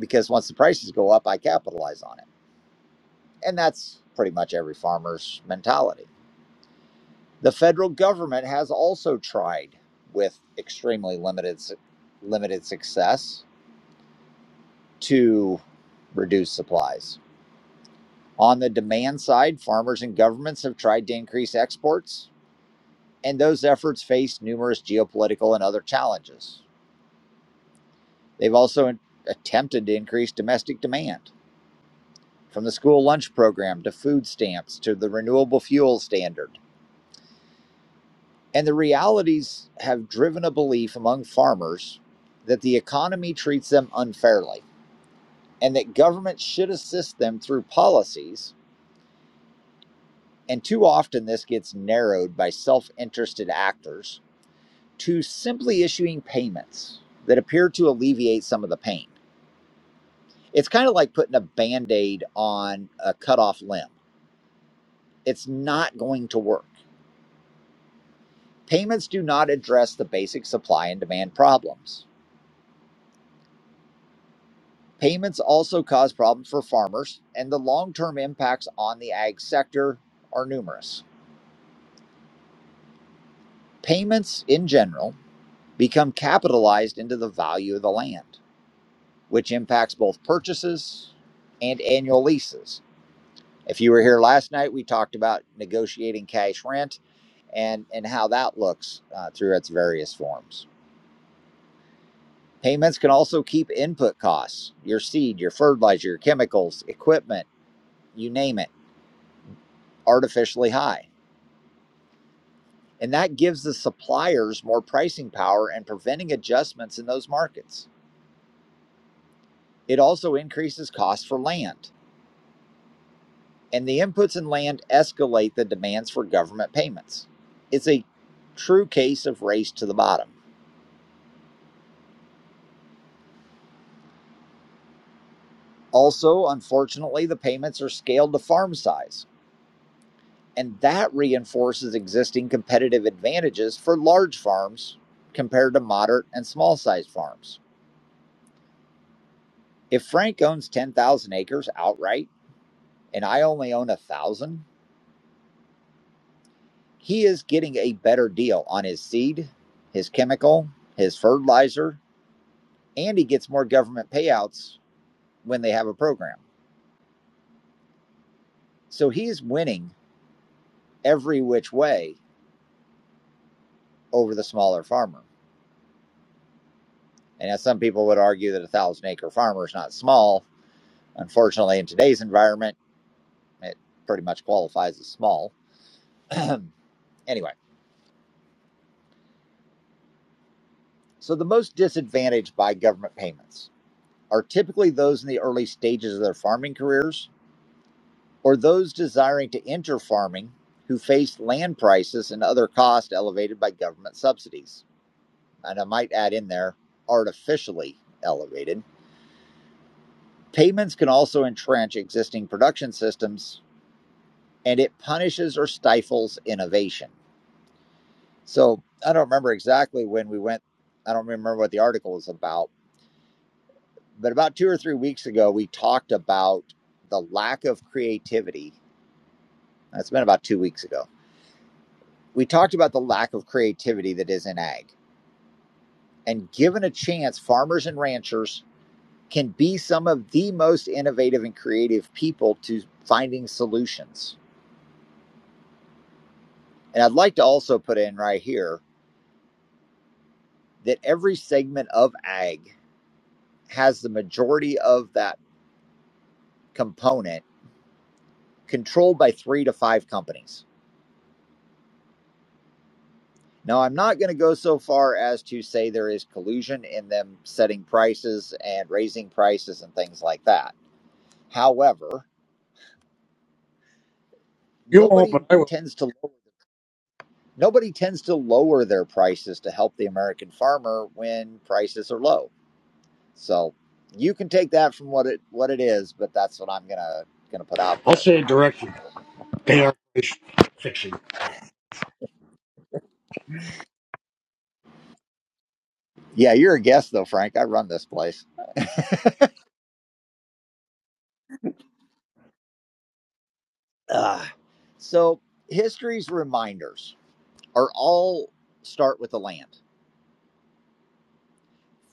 Speaker 1: because once the prices go up, I capitalize on it. And that's pretty much every farmer's mentality. The federal government has also tried, with extremely limited limited success, to reduce supplies. On the demand side, farmers and governments have tried to increase exports, and those efforts face numerous geopolitical and other challenges. They've also attempted to increase domestic demand, from the school lunch program to food stamps to the renewable fuel standard. And the realities have driven a belief among farmers that the economy treats them unfairly and that government should assist them through policies. And too often, this gets narrowed by self interested actors to simply issuing payments that appear to alleviate some of the pain. It's kind of like putting a band aid on a cut off limb, it's not going to work. Payments do not address the basic supply and demand problems. Payments also cause problems for farmers, and the long term impacts on the ag sector are numerous. Payments in general become capitalized into the value of the land, which impacts both purchases and annual leases. If you were here last night, we talked about negotiating cash rent and, and how that looks uh, through its various forms. Payments can also keep input costs, your seed, your fertilizer, your chemicals, equipment, you name it, artificially high. And that gives the suppliers more pricing power and preventing adjustments in those markets. It also increases costs for land, and the inputs in land escalate the demands for government payments. It's a true case of race to the bottom. Also, unfortunately, the payments are scaled to farm size, and that reinforces existing competitive advantages for large farms compared to moderate and small sized farms. If Frank owns 10,000 acres outright and I only own a 1,000, he is getting a better deal on his seed, his chemical, his fertilizer, and he gets more government payouts when they have a program. So he's winning every which way over the smaller farmer. And as some people would argue that a thousand acre farmer is not small, unfortunately, in today's environment, it pretty much qualifies as small. anyway, so the most disadvantaged by government payments are typically those in the early stages of their farming careers or those desiring to enter farming who face land prices and other costs elevated by government subsidies. And I might add in there, artificially elevated. Payments can also entrench existing production systems and it punishes or stifles innovation. So I don't remember exactly when we went, I don't remember what the article was about, but about two or three weeks ago, we talked about the lack of creativity. That's been about two weeks ago. We talked about the lack of creativity that is in ag and given a chance, farmers and ranchers can be some of the most innovative and creative people to finding solutions. And I'd like to also put in right here that every segment of ag has the majority of that component controlled by three to five companies. Now, I'm not going to go so far as to say there is collusion in them setting prices and raising prices and things like that. However,
Speaker 2: You won't,
Speaker 1: nobody
Speaker 2: but I will.
Speaker 1: tends to lower. nobody tends to lower their prices to help the American farmer when prices are low. So you can take that from what it what it is, but that's what I'm gonna gonna put out
Speaker 2: I'll
Speaker 1: there.
Speaker 2: say it directly. They are fixing.
Speaker 1: Yeah, you're a guest though, Frank. I run this place. Ah. So history's reminders are all start with the land.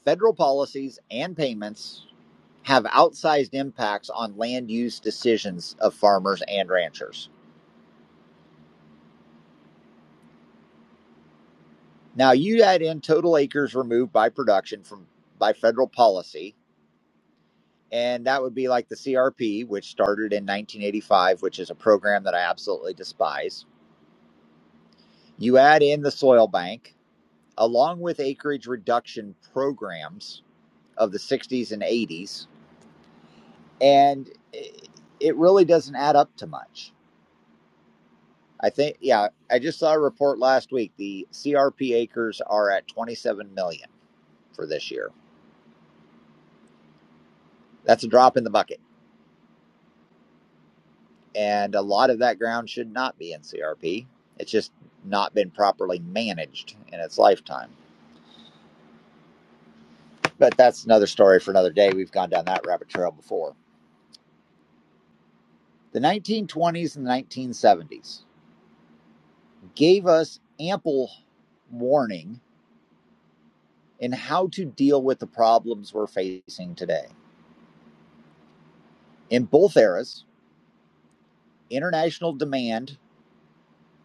Speaker 1: Federal policies and payments have outsized impacts on land use decisions of farmers and ranchers Now you add in total acres removed by production from by federal policy, and that would be like the CRP, which started in 1985, which is a program that I absolutely despise. You add in the soil bank, along with acreage reduction programs of the 60s and 80s, and it really doesn't add up to much. I think, yeah, I just saw a report last week. The CRP acres are at 27 million for this year. That's a drop in the bucket. and a lot of that ground should not be in CRP. It's just not been properly managed in its lifetime. But that's another story for another day. We've gone down that rabbit trail before. The 1920s and the 1970s gave us ample warning in how to deal with the problems we're facing today. In both eras, international demand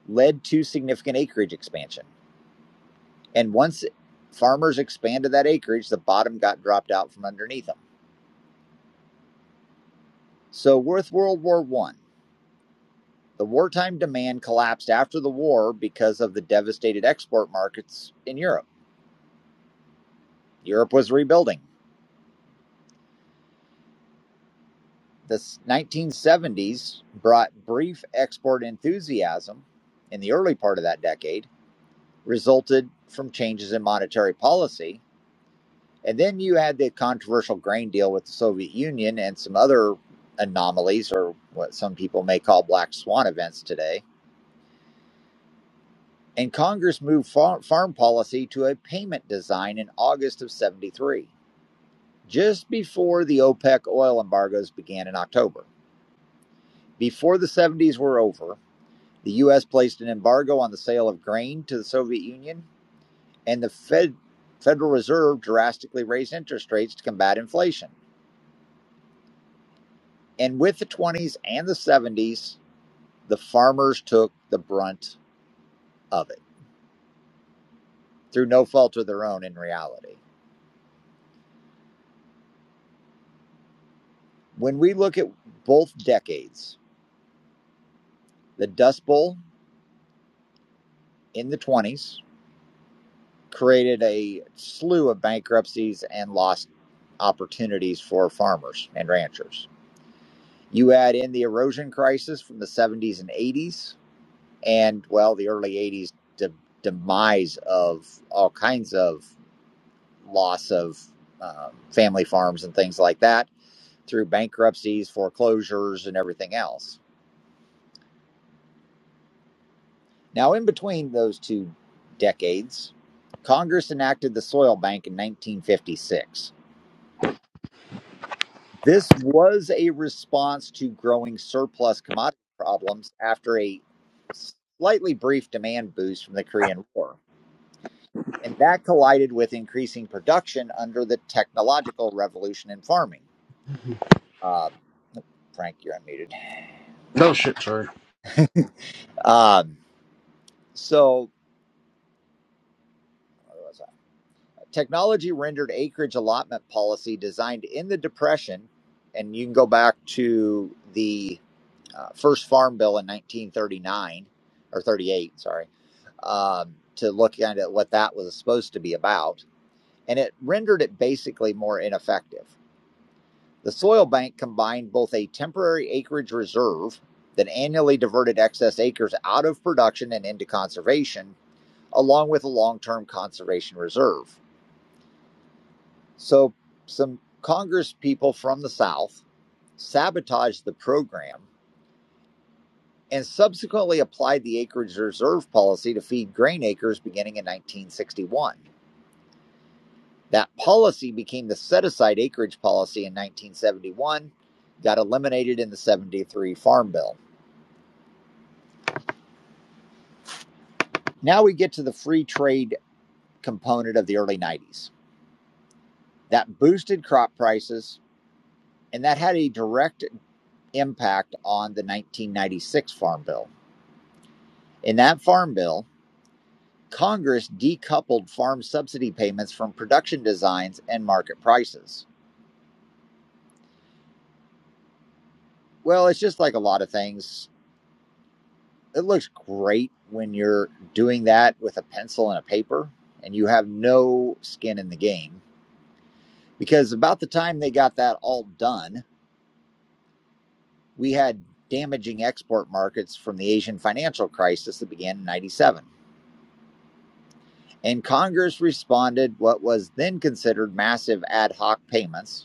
Speaker 1: led to significant acreage expansion. And once farmers expanded that acreage, the bottom got dropped out from underneath them So, with World War One, the wartime demand collapsed after the war because of the devastated export markets in Europe. Europe was rebuilding. The 1970s brought brief export enthusiasm in the early part of that decade, resulted from changes in monetary policy. And then you had the controversial grain deal with the Soviet Union and some other anomalies, or what some people may call black swan events today and Congress moved far- farm policy to a payment design in August of 73, just before the OPEC oil embargoes began in October. Before the 70s were over, the U.S. placed an embargo on the sale of grain to the Soviet Union, and the Fed, Federal Reserve drastically raised interest rates to combat inflation. And with the 20s and the 70s, the farmers took the brunt of it through no fault of their own in reality. When we look at both decades, The Dust Bowl in the 20s created a slew of bankruptcies and lost opportunities for farmers and ranchers. You add in the erosion crisis from the 70s and 80s, and well, the early 80s de- demise of all kinds of loss of um, family farms and things like that through bankruptcies, foreclosures, and everything else Now, in between those two decades, Congress enacted the Soil Bank in 1956. This was a response to growing surplus commodity problems after a slightly brief demand boost from the Korean War. And that collided with increasing production under the technological revolution in farming. Um, Frank, you're unmuted.
Speaker 2: No shit, sorry.
Speaker 1: Um, so, where was I? Technology rendered acreage allotment policy designed in the Depression, and you can go back to the uh, first Farm Bill in 1939 or 38, sorry, um, to look at what that was supposed to be about, and it rendered it basically more ineffective. The soil bank combined both a temporary acreage reserve that annually diverted excess acres out of production and into conservation, along with a long term conservation reserve. So, some Congress people from the South sabotaged the program and subsequently applied the acreage reserve policy to feed grain acres beginning in 1961. That policy became the set aside acreage policy in 1971, got eliminated in the 73 Farm Bill. Now we get to the free trade component of the early 90s. That boosted crop prices, and that had a direct impact on the 1996 Farm Bill In that farm bill, Congress decoupled farm subsidy payments from production designs and market prices. Well, it's just like a lot of things. It looks great when you're doing that with a pencil and a paper and you have no skin in the game. Because about the time they got that all done, we had damaging export markets from the Asian financial crisis that began in 97. And Congress responded what was then considered massive ad hoc payments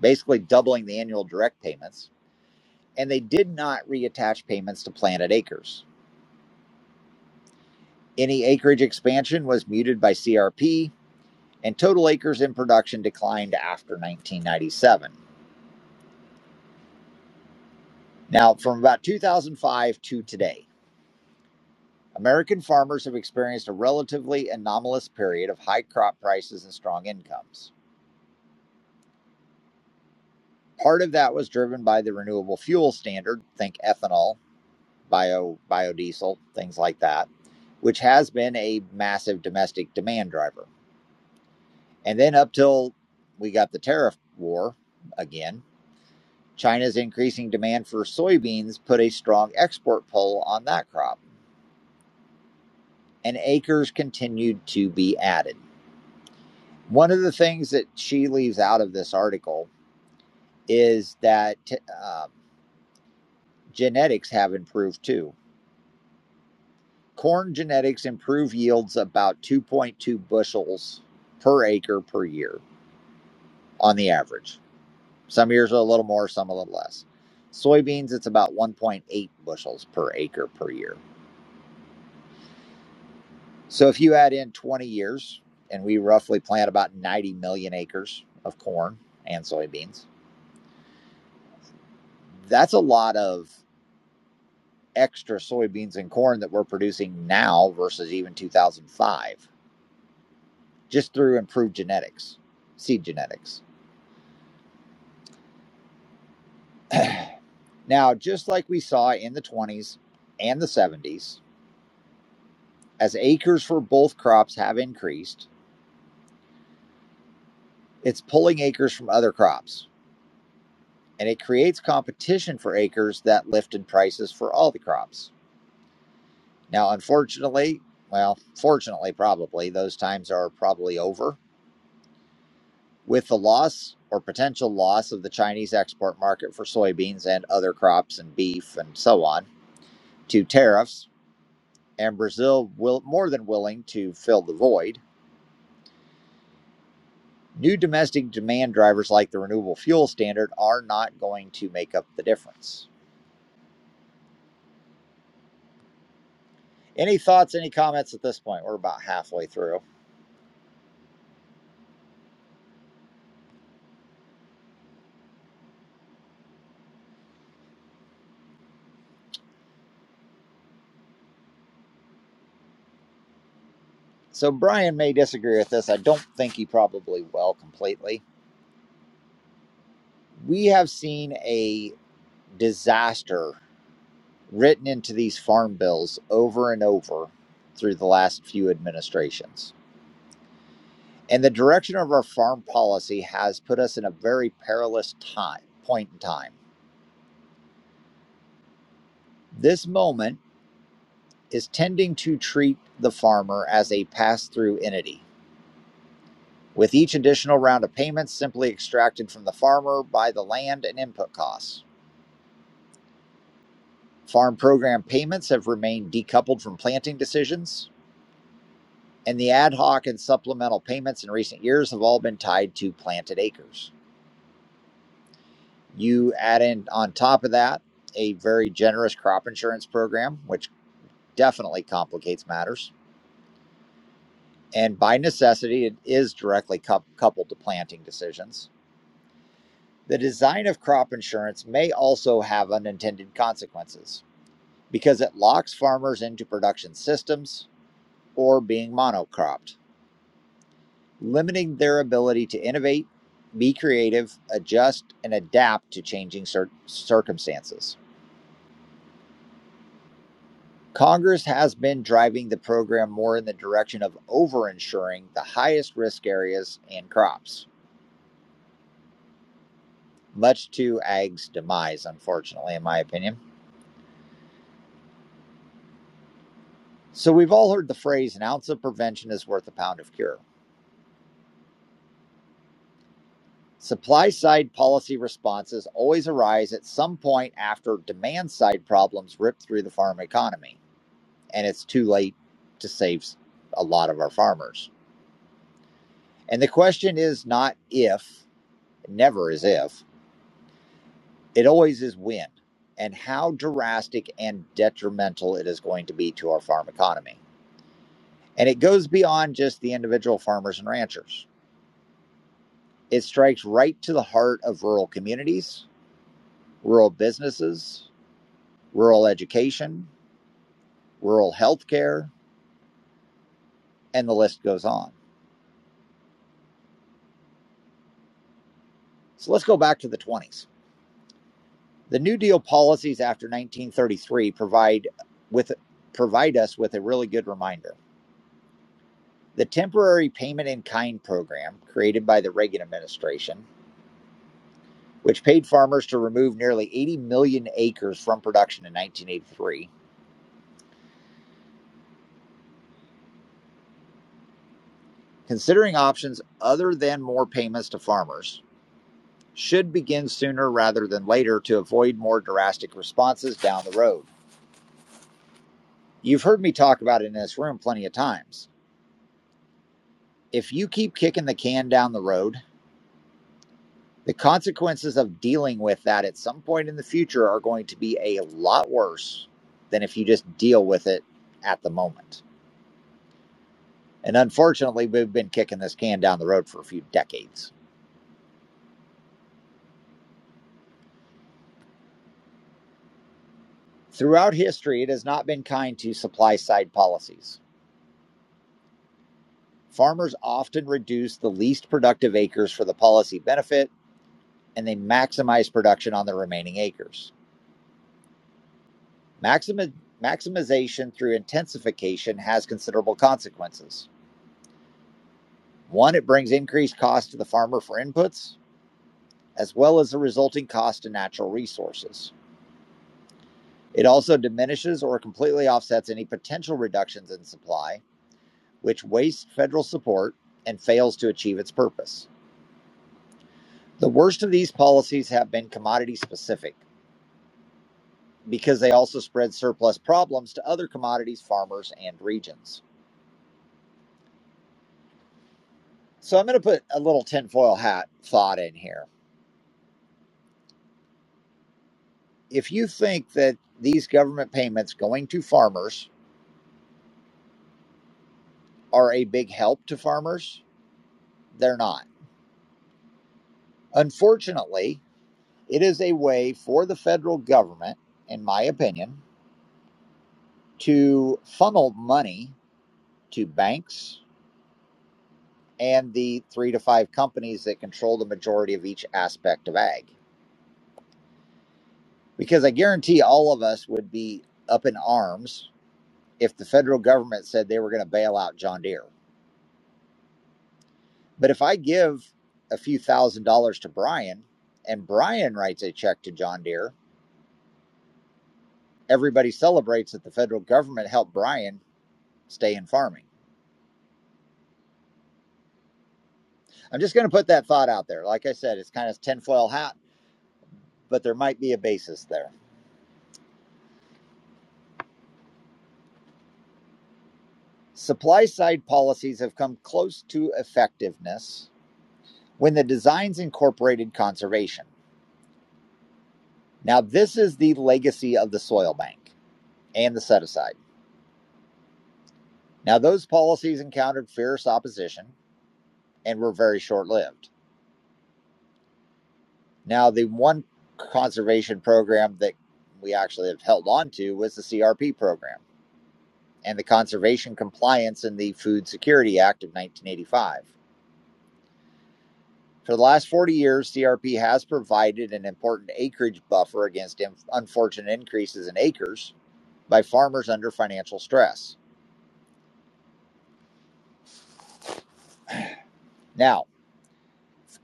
Speaker 1: basically doubling the annual direct payments. And they did not reattach payments to planted acres. Any acreage expansion was muted by CRP, and total acres in production declined after 1997. Now, from about 2005 to today, American farmers have experienced a relatively anomalous period of high crop prices and strong incomes. Part of that was driven by the renewable fuel standard, think ethanol, bio biodiesel, things like that, which has been a massive domestic demand driver. And then up till we got the tariff war again, China's increasing demand for soybeans put a strong export pull on that crop, and acres continued to be added. One of the things that she leaves out of this article is that um genetics have improved too Corn genetics improve yields about 2.2 bushels per acre per year on the average. Some years are a little more, some a little less. Soybeans, it's about 1.8 bushels per acre per year. So if you add in 20 years, and we roughly plant about 90 million acres of corn and soybeans, that's a lot of extra soybeans and corn that we're producing now versus even 2005, just through improved genetics, seed genetics. Now, just like we saw in the 20s and the 70s, as acres for both crops have increased, it's pulling acres from other crops, and it creates competition for acres that lifted prices for all the crops. Now, unfortunately, well, fortunately, probably, those times are probably over. With the loss or potential loss of the Chinese export market for soybeans and other crops and beef and so on to tariffs, and Brazil will more than willing to fill the void New domestic demand drivers like the renewable fuel standard are not going to make up the difference. Any thoughts, any comments at this point? We're about halfway through. So, Brian may disagree with this. I don't think he probably will completely. We have seen a disaster written into these farm bills over and over through the last few administrations. And the direction of our farm policy has put us in a very perilous time, point in time. This moment, is tending to treat the farmer as a pass through entity, with each additional round of payments simply extracted from the farmer by the land and input costs. Farm program payments have remained decoupled from planting decisions, and the ad hoc and supplemental payments in recent years have all been tied to planted acres. You add in on top of that a very generous crop insurance program, which definitely complicates matters. And by necessity, it is directly cou- coupled to planting decisions The design of crop insurance may also have unintended consequences because it locks farmers into production systems or being monocropped, limiting their ability to innovate, be creative, adjust, and adapt to changing cir- circumstances. Congress has been driving the program more in the direction of overinsuring the highest risk areas and crops, much to ag's demise, unfortunately, in my opinion. So, we've all heard the phrase an ounce of prevention is worth a pound of cure. Supply side policy responses always arise at some point after demand side problems rip through the farm economy, and it's too late to save a lot of our farmers. And the question is not if, never is if, it always is when, and how drastic and detrimental it is going to be to our farm economy. And it goes beyond just the individual farmers and ranchers, it strikes right to the heart of rural communities, rural businesses, rural education rural health care, and the list goes on. So let's go back to the 20s. The New Deal policies after 1933 provide with provide us with a really good reminder. The temporary payment in kind program created by the Reagan administration, which paid farmers to remove nearly 80 million acres from production in 1983, considering options other than more payments to farmers, should begin sooner rather than later to avoid more drastic responses down the road. You've heard me talk about it in this room plenty of times. If you keep kicking the can down the road, the consequences of dealing with that at some point in the future are going to be a lot worse than if you just deal with it at the moment. And unfortunately, we've been kicking this can down the road for a few decades. Throughout history, it has not been kind to supply side policies. Farmers often reduce the least productive acres for the policy benefit, and they maximize production on the remaining acres. Maximi- maximization through intensification has considerable consequences. One, it brings increased cost to the farmer for inputs, as well as the resulting cost to natural resources. It also diminishes or completely offsets any potential reductions in supply, which wastes federal support and fails to achieve its purpose. The worst of these policies have been commodity specific because they also spread surplus problems to other commodities, farmers, and regions. So I'm going to put a little tinfoil hat thought in here if you think that these government payments going to farmers are a big help to farmers, they're not. Unfortunately, it is a way for the federal government, in my opinion, to funnel money to banks and the three to five companies that control the majority of each aspect of ag. Because I guarantee all of us would be up in arms if the federal government said they were going to bail out John Deere. But if I give a few thousand dollars to Brian and Brian writes a check to John Deere, everybody celebrates that the federal government helped Brian stay in farming. I'm just going to put that thought out there. Like I said, it's kind of tinfoil hat, but there might be a basis there. Supply side policies have come close to effectiveness when the designs incorporated conservation. Now, this is the legacy of the soil bank and the set aside. Now, those policies encountered fierce opposition and were very short lived. Now, the one conservation program that we actually have held on to was the CRP program and the conservation compliance in the Food Security Act of 1985. For the last 40 years, CRP has provided an important acreage buffer against unfortunate increases in acres by farmers under financial stress. Now,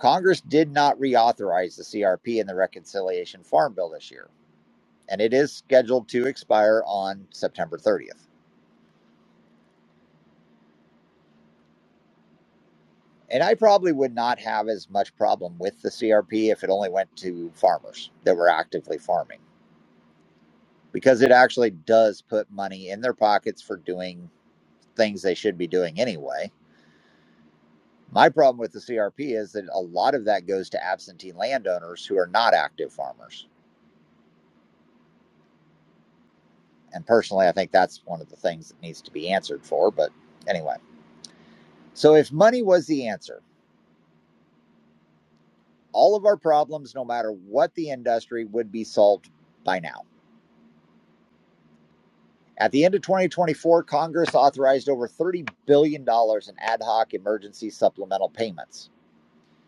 Speaker 1: Congress did not reauthorize the CRP in the Reconciliation Farm Bill this year, and it is scheduled to expire on September 30th. And I probably would not have as much problem with the CRP if it only went to farmers that were actively farming because it actually does put money in their pockets for doing things they should be doing anyway. My problem with the CRP is that a lot of that goes to absentee landowners who are not active farmers. And personally, I think that's one of the things that needs to be answered for. But anyway, so if money was the answer, all of our problems, no matter what the industry, would be solved by now. At the end of 2024, Congress authorized over $30 billion dollars in ad hoc emergency supplemental payments,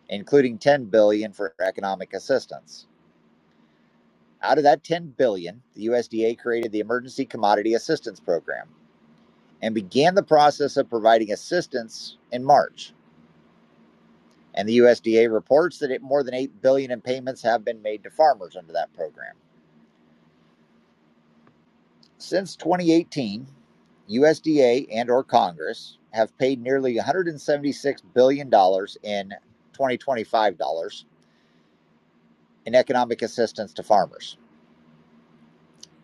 Speaker 1: including $10 billion dollars for economic assistance. Out of that $10 billion, dollars, the USDA created the Emergency Commodity Assistance Program and began the process of providing assistance in March. And the USDA reports that it, more than $8 billion dollars in payments have been made to farmers under that program. Since 2018, USDA and or Congress have paid nearly 176 billion dollars in 2025 dollars in economic assistance to farmers.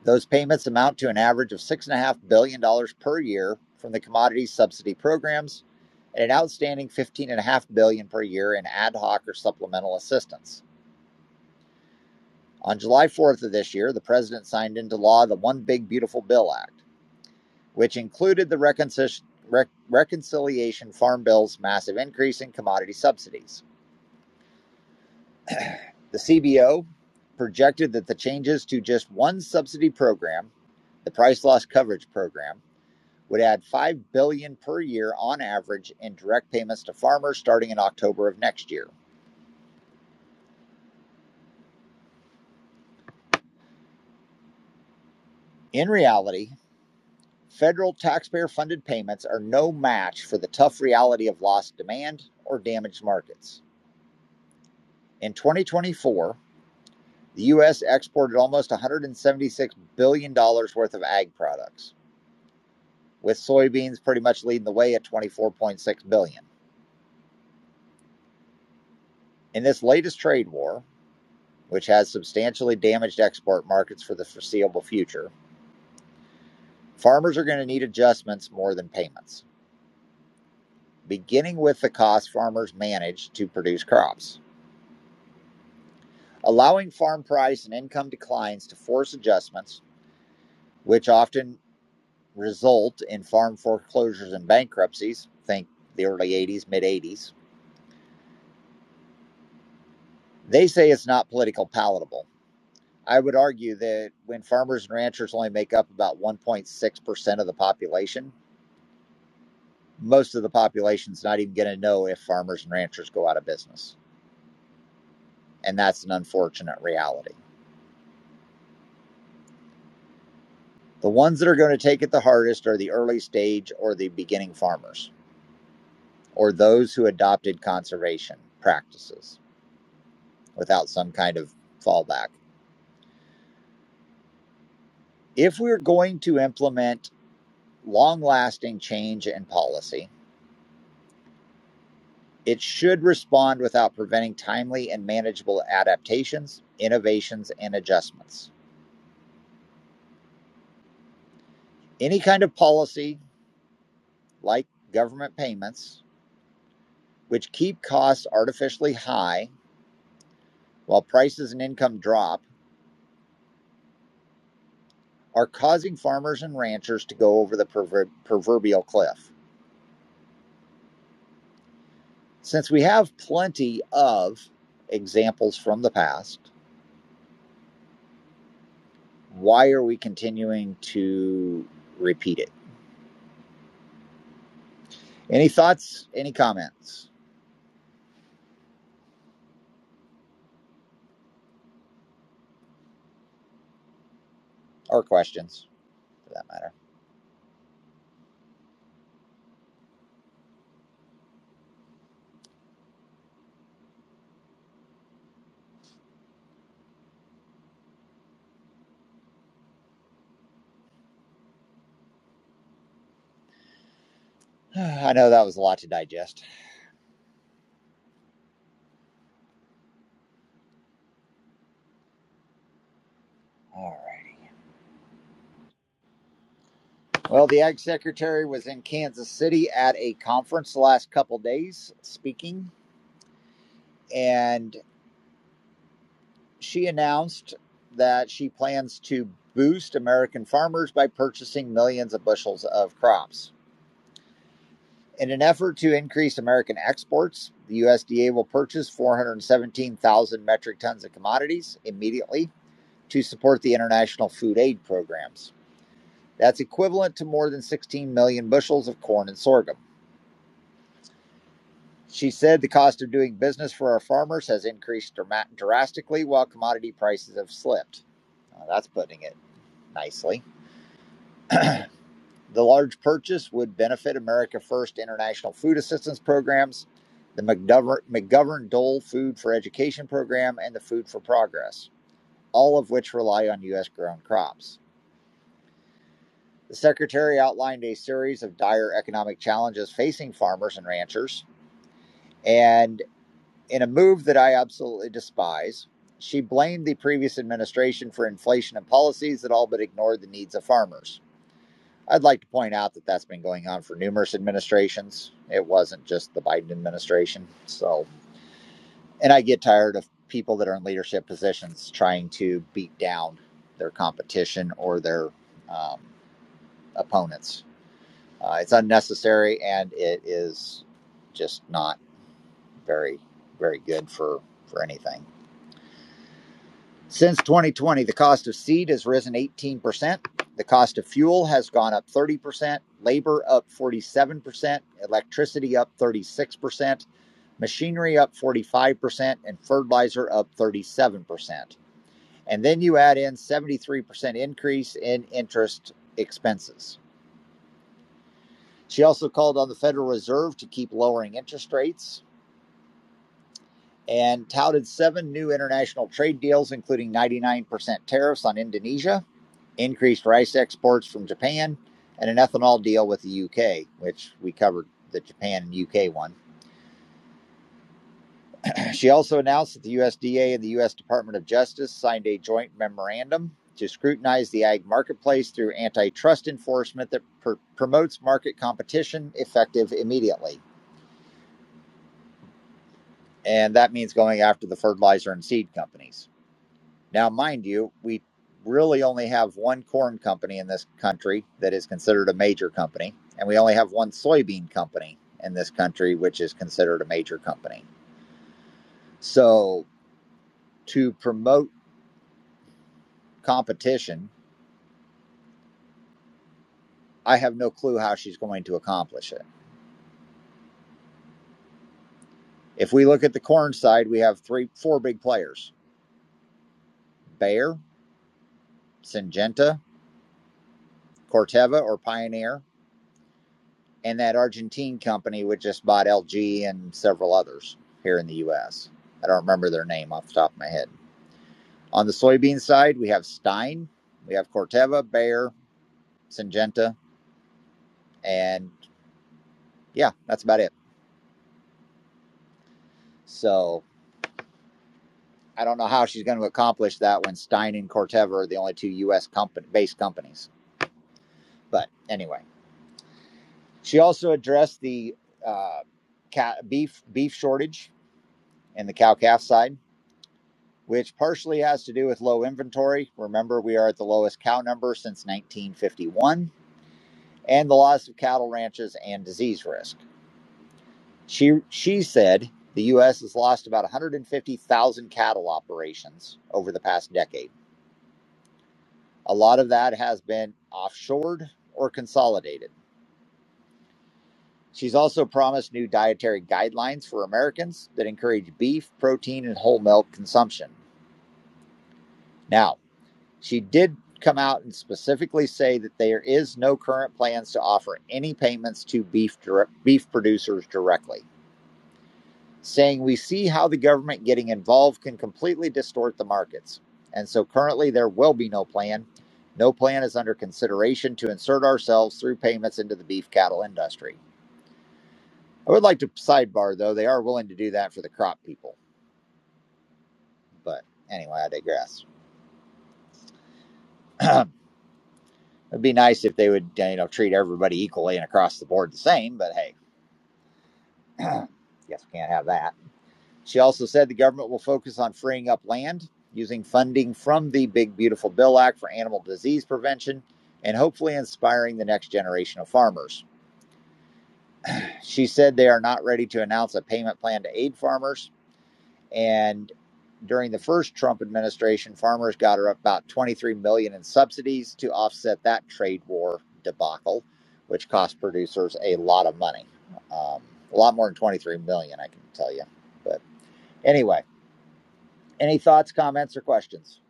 Speaker 1: Those payments amount to an average of six and a half billion dollars per year from the commodity subsidy programs and an outstanding fifteen and a half billion dollars per year in ad hoc or supplemental assistance. On July 4th of this year, the president signed into law the One Big Beautiful Bill Act. which included the reconcil- reconciliation farm bill's massive increase in commodity subsidies. The CBO projected that the changes to just one subsidy program, the price loss coverage program, would add 5 billion billion per year on average in direct payments to farmers starting in October of next year. In reality, federal taxpayer funded payments are no match for the tough reality of lost demand or damaged markets. In 2024, The U.S. exported almost $176 billion dollars worth of ag products, with soybeans pretty much leading the way at $24.6 billion. dollars. In this latest trade war, which has substantially damaged export markets for the foreseeable future, farmers are going to need adjustments more than payments, beginning with the cost farmers manage to produce crops. Allowing farm price and income declines to force adjustments, which often result in farm foreclosures and bankruptcies, think the early 80s, mid 80s. They say it's not political palatable. I would argue that when farmers and ranchers only make up about 1.6% of the population, most of the population's not even going to know if farmers and ranchers go out of business. And that's an unfortunate reality. The ones that are going to take it the hardest are the early stage or the beginning farmers, or those who adopted conservation practices without some kind of fallback if we're going to implement long lasting change in policy, it should respond without preventing timely and manageable adaptations, innovations, and adjustments. Any kind of policy, like government payments, which keep costs artificially high while prices and income drop, are causing farmers and ranchers to go over the proverbial cliff. Since we have plenty of examples from the past, why are we continuing to repeat it? Any thoughts, any comments, or questions for that matter? I know that was a lot to digest. All right. Well, the Ag Secretary was in Kansas City at a conference the last couple days speaking, and she announced that she plans to boost American farmers by purchasing millions of bushels of crops. In an effort to increase American exports, the USDA will purchase 417,000 metric tons of commodities immediately to support the international food aid programs. That's equivalent to more than 16 million bushels of corn and sorghum. She said the cost of doing business for our farmers has increased dramatically while commodity prices have slipped. Now, that's putting it nicely. The large purchase would benefit America First International Food Assistance Programs, the McGovern, McGovern Dole Food for Education Program, and the Food for Progress, all of which rely on U.S. grown crops. The Secretary outlined a series of dire economic challenges facing farmers and ranchers, and in a move that I absolutely despise, she blamed the previous administration for inflation and policies that all but ignored the needs of farmers. I'd like to point out that that's been going on for numerous administrations. It wasn't just the Biden administration. So, and I get tired of people that are in leadership positions trying to beat down their competition or their um, opponents. Uh, it's unnecessary and it is just not very, very good for, for anything. Since 2020, the cost of seed has risen 18%. The cost of fuel has gone up 30%, labor up 47%, electricity up 36%, machinery up 45%, and fertilizer up 37%. And then you add in 73% increase in interest expenses. She also called on the Federal Reserve to keep lowering interest rates and touted seven new international trade deals, including 99% tariffs on Indonesia increased rice exports from Japan, and an ethanol deal with the UK, which we covered the Japan and UK one. She also announced that the USDA and the US Department of Justice signed a joint memorandum to scrutinize the ag marketplace through antitrust enforcement that pr- promotes market competition effective immediately. And that means going after the fertilizer and seed companies. Now, mind you, we really only have one corn company in this country that is considered a major company, and we only have one soybean company in this country, which is considered a major company. So, to promote competition, I have no clue how she's going to accomplish it. If we look at the corn side, we have three, four big players Bayer, Syngenta, Corteva, or Pioneer, and that Argentine company which just bought LG and several others here in the U.S. I don't remember their name off the top of my head. On the soybean side, we have Stein, we have Corteva, Bayer, Syngenta, and yeah, that's about it. So I don't know how she's going to accomplish that when Stein and Corteva are the only two U.S. company based companies. But anyway, she also addressed the uh, beef beef shortage and the cow calf side which partially has to do with low inventory. Remember, we are at the lowest cow number since 1951, and the loss of cattle ranches and disease risk. She, she said the U.S. has lost about 150,000 cattle operations over the past decade. A lot of that has been offshored or consolidated. She's also promised new dietary guidelines for Americans that encourage beef, protein, and whole milk consumption. Now, She did come out and specifically say that there is no current plans to offer any payments to beef dir- beef producers directly, saying we see how the government getting involved can completely distort the markets. And so currently there will be no plan. No plan is under consideration to insert ourselves through payments into the beef cattle industry. I would like to sidebar though, they are willing to do that for the crop people. But anyway, I digress. It'd be nice if they would, you know, treat everybody equally and across the board the same, but hey, Yes, we can't have that. She also said the government will focus on freeing up land using funding from the Big Beautiful Bill Act for animal disease prevention and hopefully inspiring the next generation of farmers. She said they are not ready to announce a payment plan to aid farmers. And during the first Trump administration, farmers got about 23 million dollars in subsidies to offset that trade war debacle, which cost producers a lot of money. Um, a lot more than 23 million, dollars, I can tell you. but. Anyway, any thoughts, comments, or questions?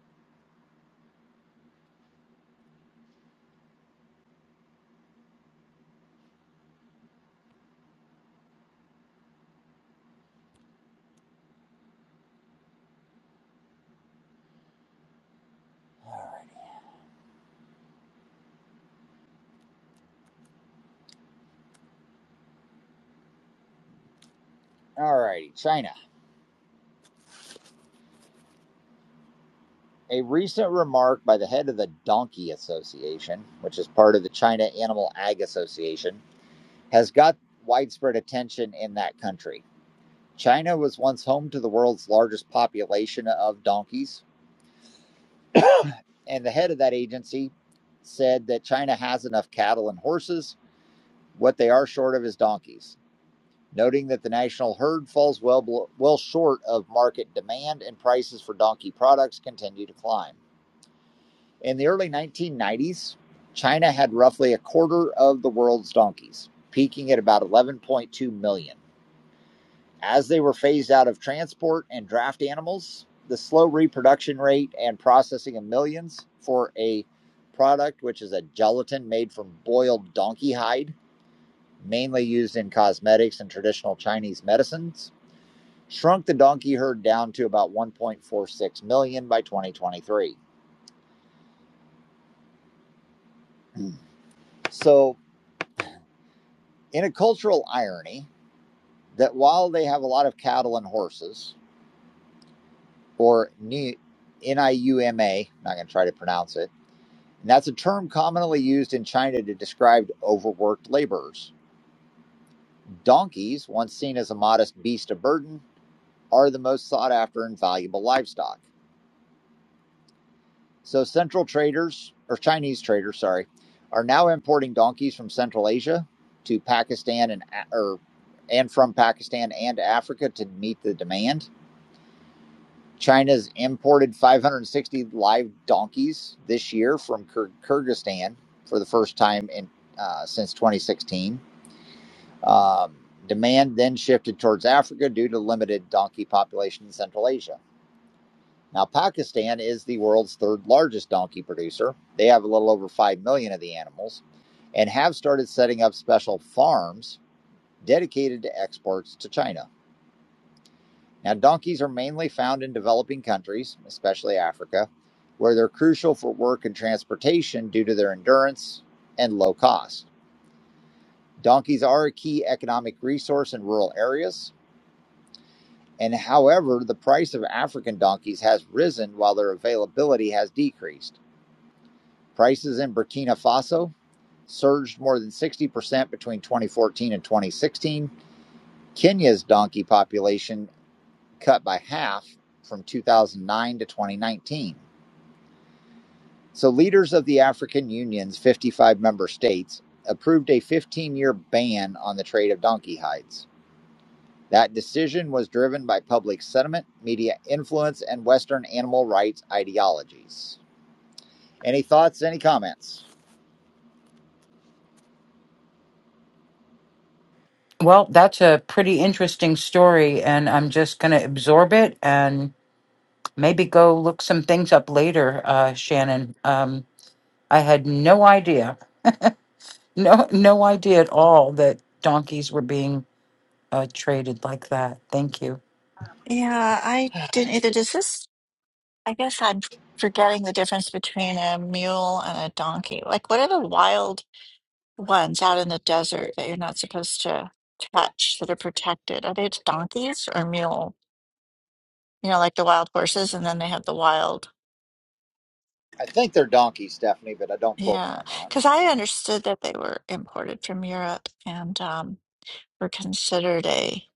Speaker 1: All righty, China. A recent remark by the head of the Donkey Association, which is part of the China Animal Ag Association, has got widespread attention in that country. China was once home to the world's largest population of donkeys, and the head of that agency said that China has enough cattle and horses. What they are short of is donkeys. noting that the national herd falls well, well short of market demand and prices for donkey products continue to climb. In the early 1990s, China had roughly a quarter of the world's donkeys, peaking at about 11.2 million. As they were phased out of transport and draft animals, the slow reproduction rate and processing of millions for a product which is a gelatin made from boiled donkey hide, mainly used in cosmetics and traditional Chinese medicines, shrunk the donkey herd down to about 1.46 million by 2023. So, in a cultural irony, that while they have a lot of cattle and horses, or ni- NIUMA, not going to try to pronounce it, and that's a term commonly used in China to describe overworked laborers. Donkeys, once seen as a modest beast of burden, are the most sought after and valuable livestock. So central traders or Chinese traders, sorry, are now importing donkeys from Central Asia to Pakistan and or and from Pakistan and Africa to meet the demand. China's imported 560 live donkeys this year from Kyrgyzstan for the first time in uh, since 2016. Um, demand then shifted towards Africa due to limited donkey population in Central Asia. Now, Pakistan is the world's third largest donkey producer. They have a little over 5 million of the animals and have started setting up special farms dedicated to exports to China. Now, donkeys are mainly found in developing countries, especially Africa, where they're crucial for work and transportation due to their endurance and low cost. Donkeys are a key economic resource in rural areas. And however, the price of African donkeys has risen while their availability has decreased. Prices in Burkina Faso surged more than 60% between 2014 and 2016. Kenya's donkey population cut by half from 2009 to 2019. So, leaders of the African Union's 55 member states approved a 15 year ban on the trade of donkey hides. That decision was driven by public sentiment, media influence, and Western animal rights ideologies. Any thoughts, any comments?
Speaker 5: Well, that's a pretty interesting story, and I'm just going to absorb it and maybe go look some things up later, uh, Shannon. Um, I had no idea, no, no idea at all that donkeys were being uh, traded like that. Thank you.
Speaker 6: Yeah, I didn't either. Does this, I guess I'm forgetting the difference between a mule and a donkey. Like, what are the wild ones out in the desert that you're not supposed to touch that are protected? Are they donkeys or mule? You know, like the wild horses, and then they have the wild.
Speaker 1: I think they're donkeys, Stephanie, but uh, don't quote me
Speaker 6: Yeah,
Speaker 1: on that.
Speaker 6: because I understood that they were imported from Europe and um, were considered a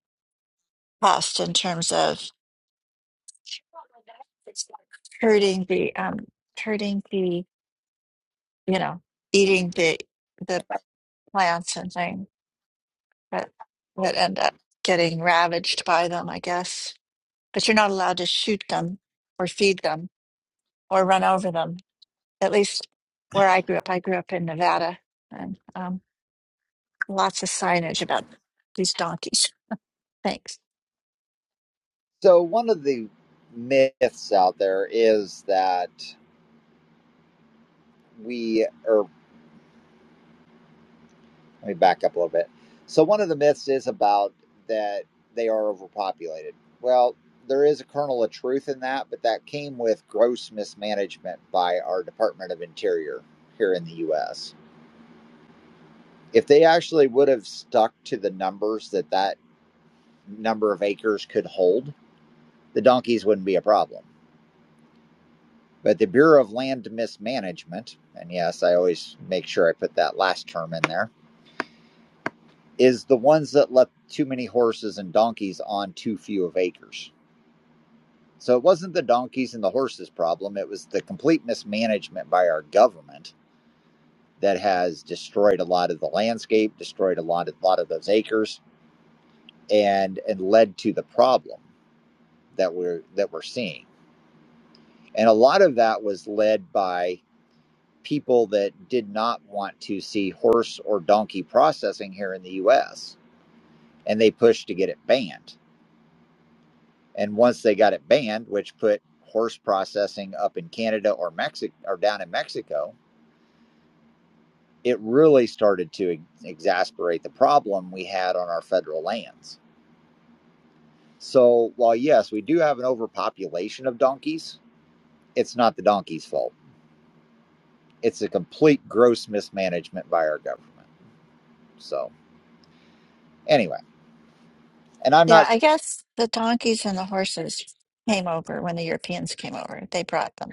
Speaker 6: pest in terms of hurting the um, hurting the you know, eating the the plants and things that that end up getting ravaged by them, I guess. But you're not allowed to shoot them or feed them or run over them. At least where I grew up, I grew up in Nevada, and um, lots of signage about these donkeys. Thanks.
Speaker 1: So, one of the myths out there is that we, or let me back up a little bit. So, one of the myths is about that they are overpopulated. Well, there is a kernel of truth in that, but that came with gross mismanagement by our Department of Interior here in the U.S. If they actually would have stuck to the numbers that that number of acres could hold, the donkeys wouldn't be a problem But the Bureau of Land Mismanagement, and yes, I always make sure I put that last term in there, is the ones that left too many horses and donkeys on too few of acres. So it wasn't the donkeys and the horses problem, it was the complete mismanagement by our government that has destroyed a lot of the landscape, destroyed a lot of, lot of those acres and and led to the problem that we're that we're seeing. And a lot of that was led by people that did not want to see horse or donkey processing here in the US and they pushed to get it banned. And once they got it banned, which put horse processing up in Canada or Mexico or down in Mexico, it really started to ex- exasperate the problem we had on our federal lands. So while yes, we do have an overpopulation of donkeys, it's not the donkey's fault. It's a complete gross mismanagement by our government. So anyway, and I'm
Speaker 6: Yeah,
Speaker 1: not
Speaker 6: I guess the donkeys and the horses came over when the Europeans came over. They brought them,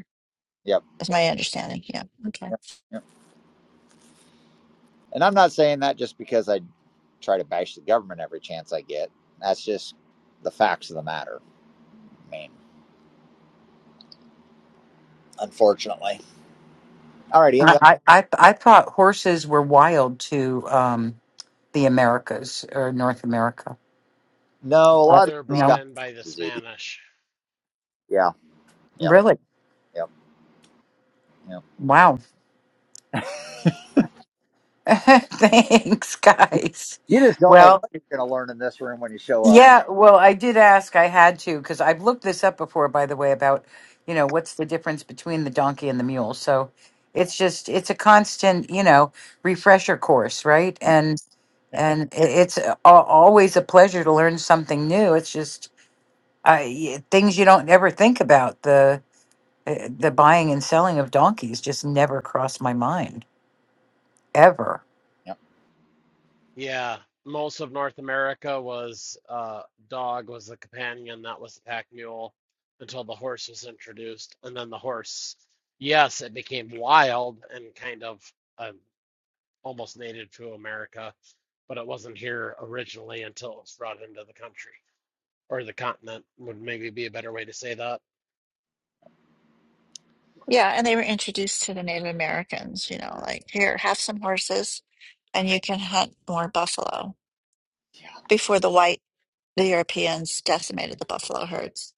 Speaker 1: yep.
Speaker 6: is my understanding. Yeah. Okay.
Speaker 1: And I'm not saying that just because I try to bash the government every chance I get. That's just the facts of the matter. I mean, unfortunately. All righty. any
Speaker 5: I,
Speaker 1: other?
Speaker 5: I, I I thought horses were wild to um, the Americas or North America,
Speaker 1: no, a
Speaker 5: but
Speaker 1: lot
Speaker 7: They
Speaker 1: of
Speaker 7: were
Speaker 1: those
Speaker 7: brought
Speaker 1: got
Speaker 5: no,
Speaker 7: in by the
Speaker 1: disease.
Speaker 7: Spanish.
Speaker 1: Yeah. Yep.
Speaker 5: really.
Speaker 1: Yep. Yep.
Speaker 5: Wow. Thanks, guys.
Speaker 1: You just don't know
Speaker 5: Well,
Speaker 1: what you're gonna learn in this room when you show up.
Speaker 5: Yeah, well, I did ask. I had to because I've looked this up before, by the way, about you know what's the difference between the donkey and the mule. So
Speaker 1: Yeah.
Speaker 5: it's just it's a constant you know refresher course, right? And and i- it's a- al- always a pleasure to learn something new. It's just uh, y- things you don't ever think about. The uh, the buying and selling of donkeys just never crossed my mind ever.
Speaker 1: Yep.
Speaker 7: Yeah, most of North America was uh, dog was the companion, that was the pack mule until the horse was introduced, and then the horse, yes, it became wild and kind of um, almost native to America, but it wasn't here originally until it was brought into the country or the continent would maybe be a better way to say that.
Speaker 6: Yeah, and they were introduced to the Native Americans, you know, like here, have some horses and you can hunt more buffalo
Speaker 1: Yeah.
Speaker 6: before the white, the Europeans decimated the buffalo herds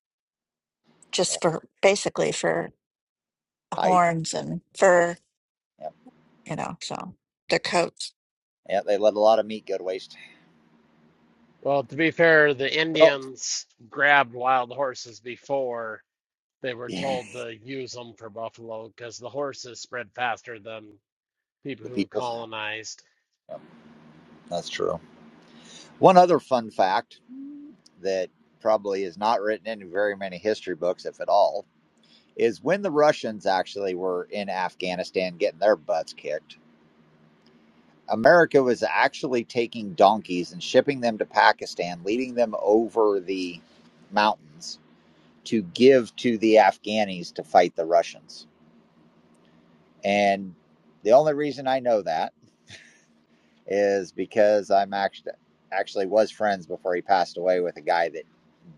Speaker 6: just
Speaker 1: Yep.
Speaker 6: for basically for
Speaker 1: Hide.
Speaker 6: horns and fur,
Speaker 1: Yep.
Speaker 6: you know, so their coats.
Speaker 1: Yeah, they let a lot of meat go to waste.
Speaker 7: Well, to be fair, the
Speaker 1: Well,
Speaker 7: Indians grabbed wild horses before they were
Speaker 1: the
Speaker 7: told to use them for buffalo because the horses spread faster than people who
Speaker 1: people.
Speaker 7: colonized.
Speaker 1: Yep, that's true. One other fun fact that probably is not written in very many history books, if at all, is when the Russians actually were in Afghanistan getting their butts kicked, America was actually taking donkeys and shipping them to Pakistan, leading them over the mountains to give to the Afghanis to fight the Russians. And the only reason I know that is because I'm actually actually was friends before he passed away with a guy that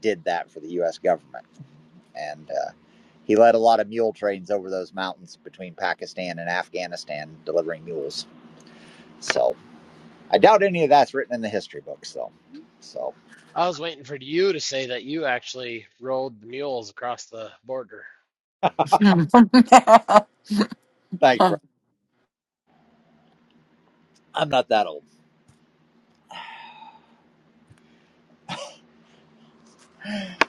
Speaker 1: did that for the US government. and uh, he led a lot of mule trains over those mountains between Pakistan and Afghanistan, delivering mules. So I doubt any of that's written in the history books, though. So
Speaker 7: I was waiting for you to say that you actually rode the mules across the border.
Speaker 1: thanks, bro. I'm not that old.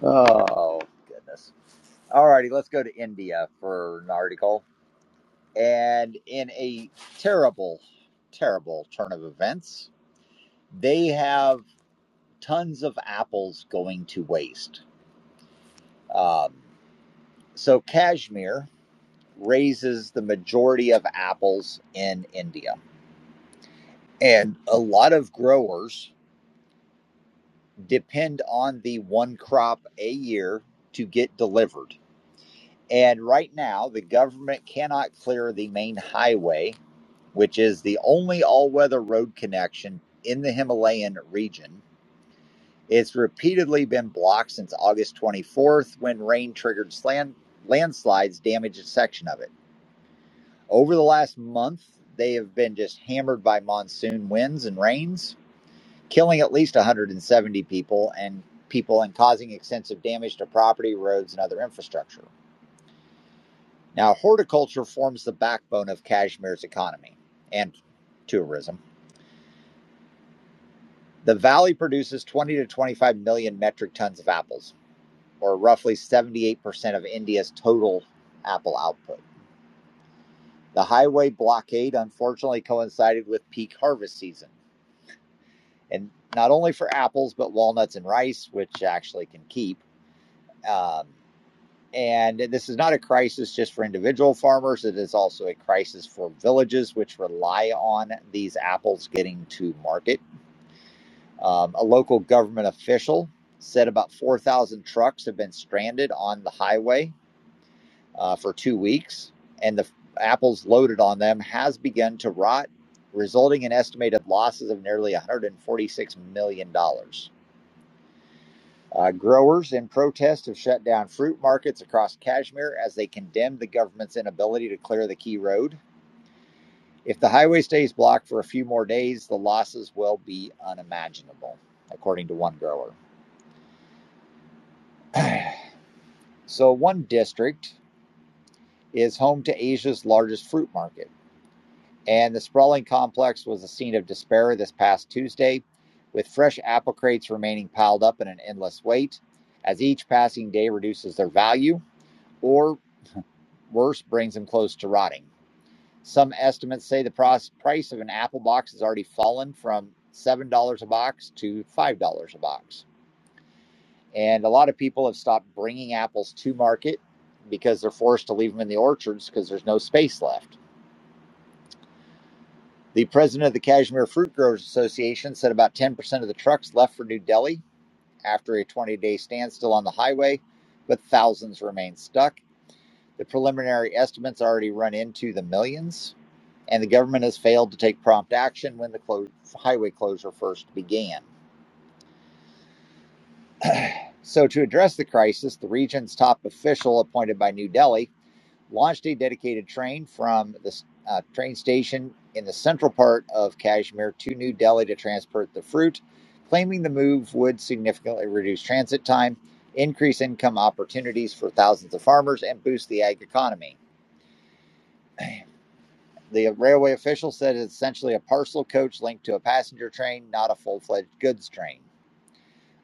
Speaker 1: Oh goodness. All righty, let's go to India for an article. And in a terrible, terrible turn of events, they have tons of apples going to waste. Um, so Kashmir raises the majority of apples in India. And a lot of growers depend on the one crop a year to get delivered. And right now, the government cannot clear the main highway, which is the only all weather road connection in the Himalayan region. It's repeatedly been blocked since August 24th when rain triggered slan- landslides damaged a section of it. Over the last month, they have been just hammered by monsoon winds and rains, killing at least 170 people and people and causing extensive damage to property, roads, and other infrastructure. Now, horticulture forms the backbone of Kashmir's economy and tourism. The valley produces 20 to 25 million metric tons of apples, or roughly 78% of India's total apple output. The highway blockade unfortunately coincided with peak harvest season and not only for apples but walnuts and rice, which actually can keep. Um, and this is not a crisis just for individual farmers; it is also a crisis for villages which rely on these apples getting to market. Um, a local government official said about 4,000 trucks have been stranded on the highway uh, for two weeks, and the f- apples loaded on them has begun to rot, resulting in estimated losses of nearly 146 million dollars. Uh, growers in protest have shut down fruit markets across Kashmir as they condemn the government's inability to clear the key road. If the highway stays blocked for a few more days, the losses will be unimaginable, according to one grower. so, one district is home to Asia's largest fruit market, and the sprawling complex was the scene of despair this past Tuesday, with fresh apple crates remaining piled up in an endless wait as each passing day reduces their value or worse brings them close to rotting. Some estimates say the price of an apple box has already fallen from $7 a box to $5 a box. And a lot of people have stopped bringing apples to market because they're forced to leave them in the orchards because there's no space left. The president of the Kashmir Fruit Growers Association said about 10% of the trucks left for New Delhi after a 20 day standstill on the highway, but thousands remain stuck. The preliminary estimates already run into the millions. and the government has failed to take prompt action when the clo- highway closure first began. So, to address the crisis, the region's top official, appointed by New Delhi, launched a dedicated train from the uh, train station in the central part of Kashmir to New Delhi to transport the fruit, claiming the move would significantly reduce transit time, increase income opportunities for thousands of farmers, and boost the ag economy. The railway official said it's essentially a parcel coach linked to a passenger train, not a full fledged goods train.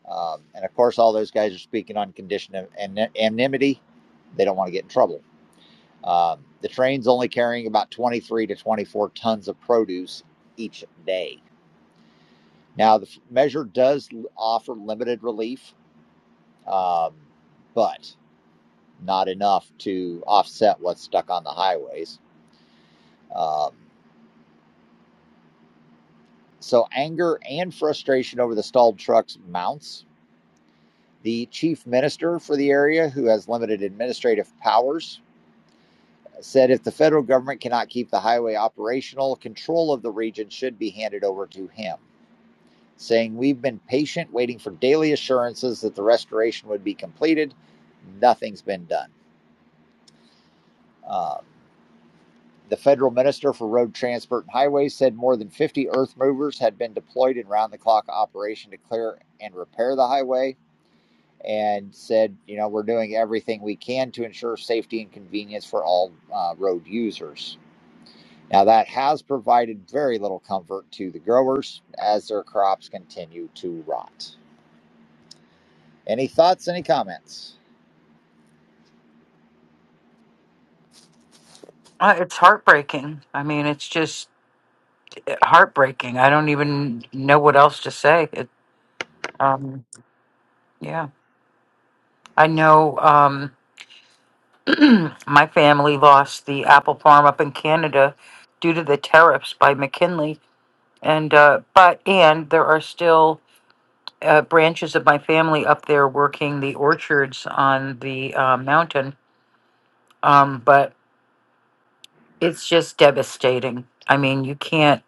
Speaker 1: Um, and of course, all those guys are speaking on condition of an- anonymity. They don't want to get in trouble. Um, the train's only carrying about 23 to 24 tons of produce each day. Now, the f- measure does offer limited relief, um, but not enough to offset what's stuck on the highways. Um, so, anger and frustration over the stalled trucks mounts The chief minister for the area, who has limited administrative powers, said if the federal government cannot keep the highway operational, control of the region should be handed over to him, saying, We've been patient, waiting for daily assurances that the restoration would be completed. Nothing's been done. Um, the federal minister for road transport and highways said more than 50 earth movers had been deployed in round the clock operation to clear and repair the highway and said, you know, we're doing everything we can to ensure safety and convenience for all uh, road users. Now, that has provided very little comfort to the growers as their crops continue to rot. Any thoughts, any comments?
Speaker 5: Uh, it's heartbreaking. I mean, it's just heartbreaking. I don't even know what else to say. It, um, yeah, I know um, my family lost the apple farm up in Canada due to the tariffs by McKinley, and uh, but and there are still uh, branches of my family up there working the orchards on the uh, mountain. Um, but it's just devastating. I mean, you can't.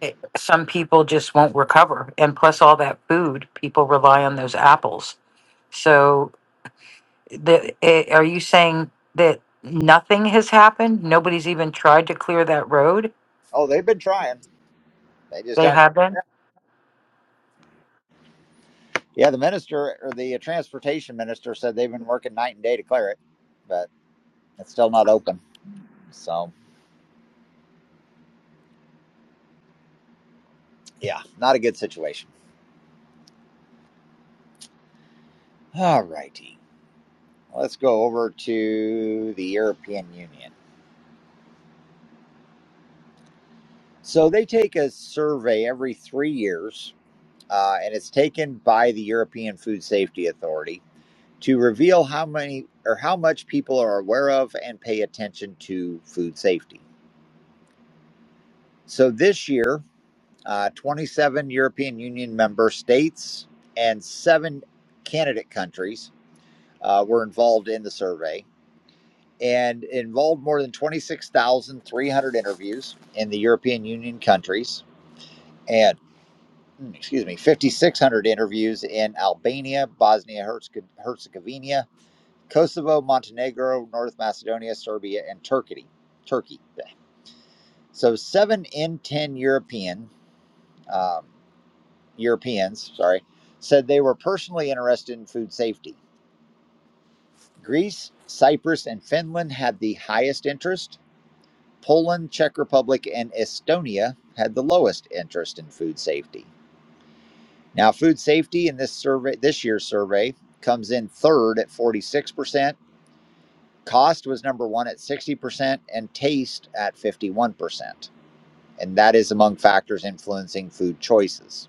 Speaker 5: It, some people just won't recover, and plus all that food, people rely on those apples. So The, eh, are you saying that nothing has happened? Nobody's even tried to clear that road?
Speaker 1: Oh, they've been trying. They just
Speaker 5: They
Speaker 1: aren't.
Speaker 5: haven't?
Speaker 1: Yeah, the minister or the transportation minister said they've been working night and day to clear it, but it's still not open. So, yeah, not a good situation. All righty. Let's go over to the European Union. So they take a survey every three years, uh, and it's taken by the European Food Safety Authority to reveal how many or how much people are aware of and pay attention to food safety. So this year, uh, 27 European Union member states and seven candidate countries uh, were involved in the survey and involved more than 26,300 interviews in the European Union countries and. excuse me, 5,600 interviews in Albania, Bosnia Herzegovina, Kosovo, Montenegro, North Macedonia, Serbia, and Turkey. Turkey. So seven in ten European um, Europeans, sorry, said they were personally interested in food safety. Greece, Cyprus, and Finland had the highest interest. Poland, Czech Republic, and Estonia had the lowest interest in food safety. Now, food safety in this survey, this year's survey, comes in third at 46%. Cost was number one at 60%, and taste at 51%. And that is among factors influencing food choices.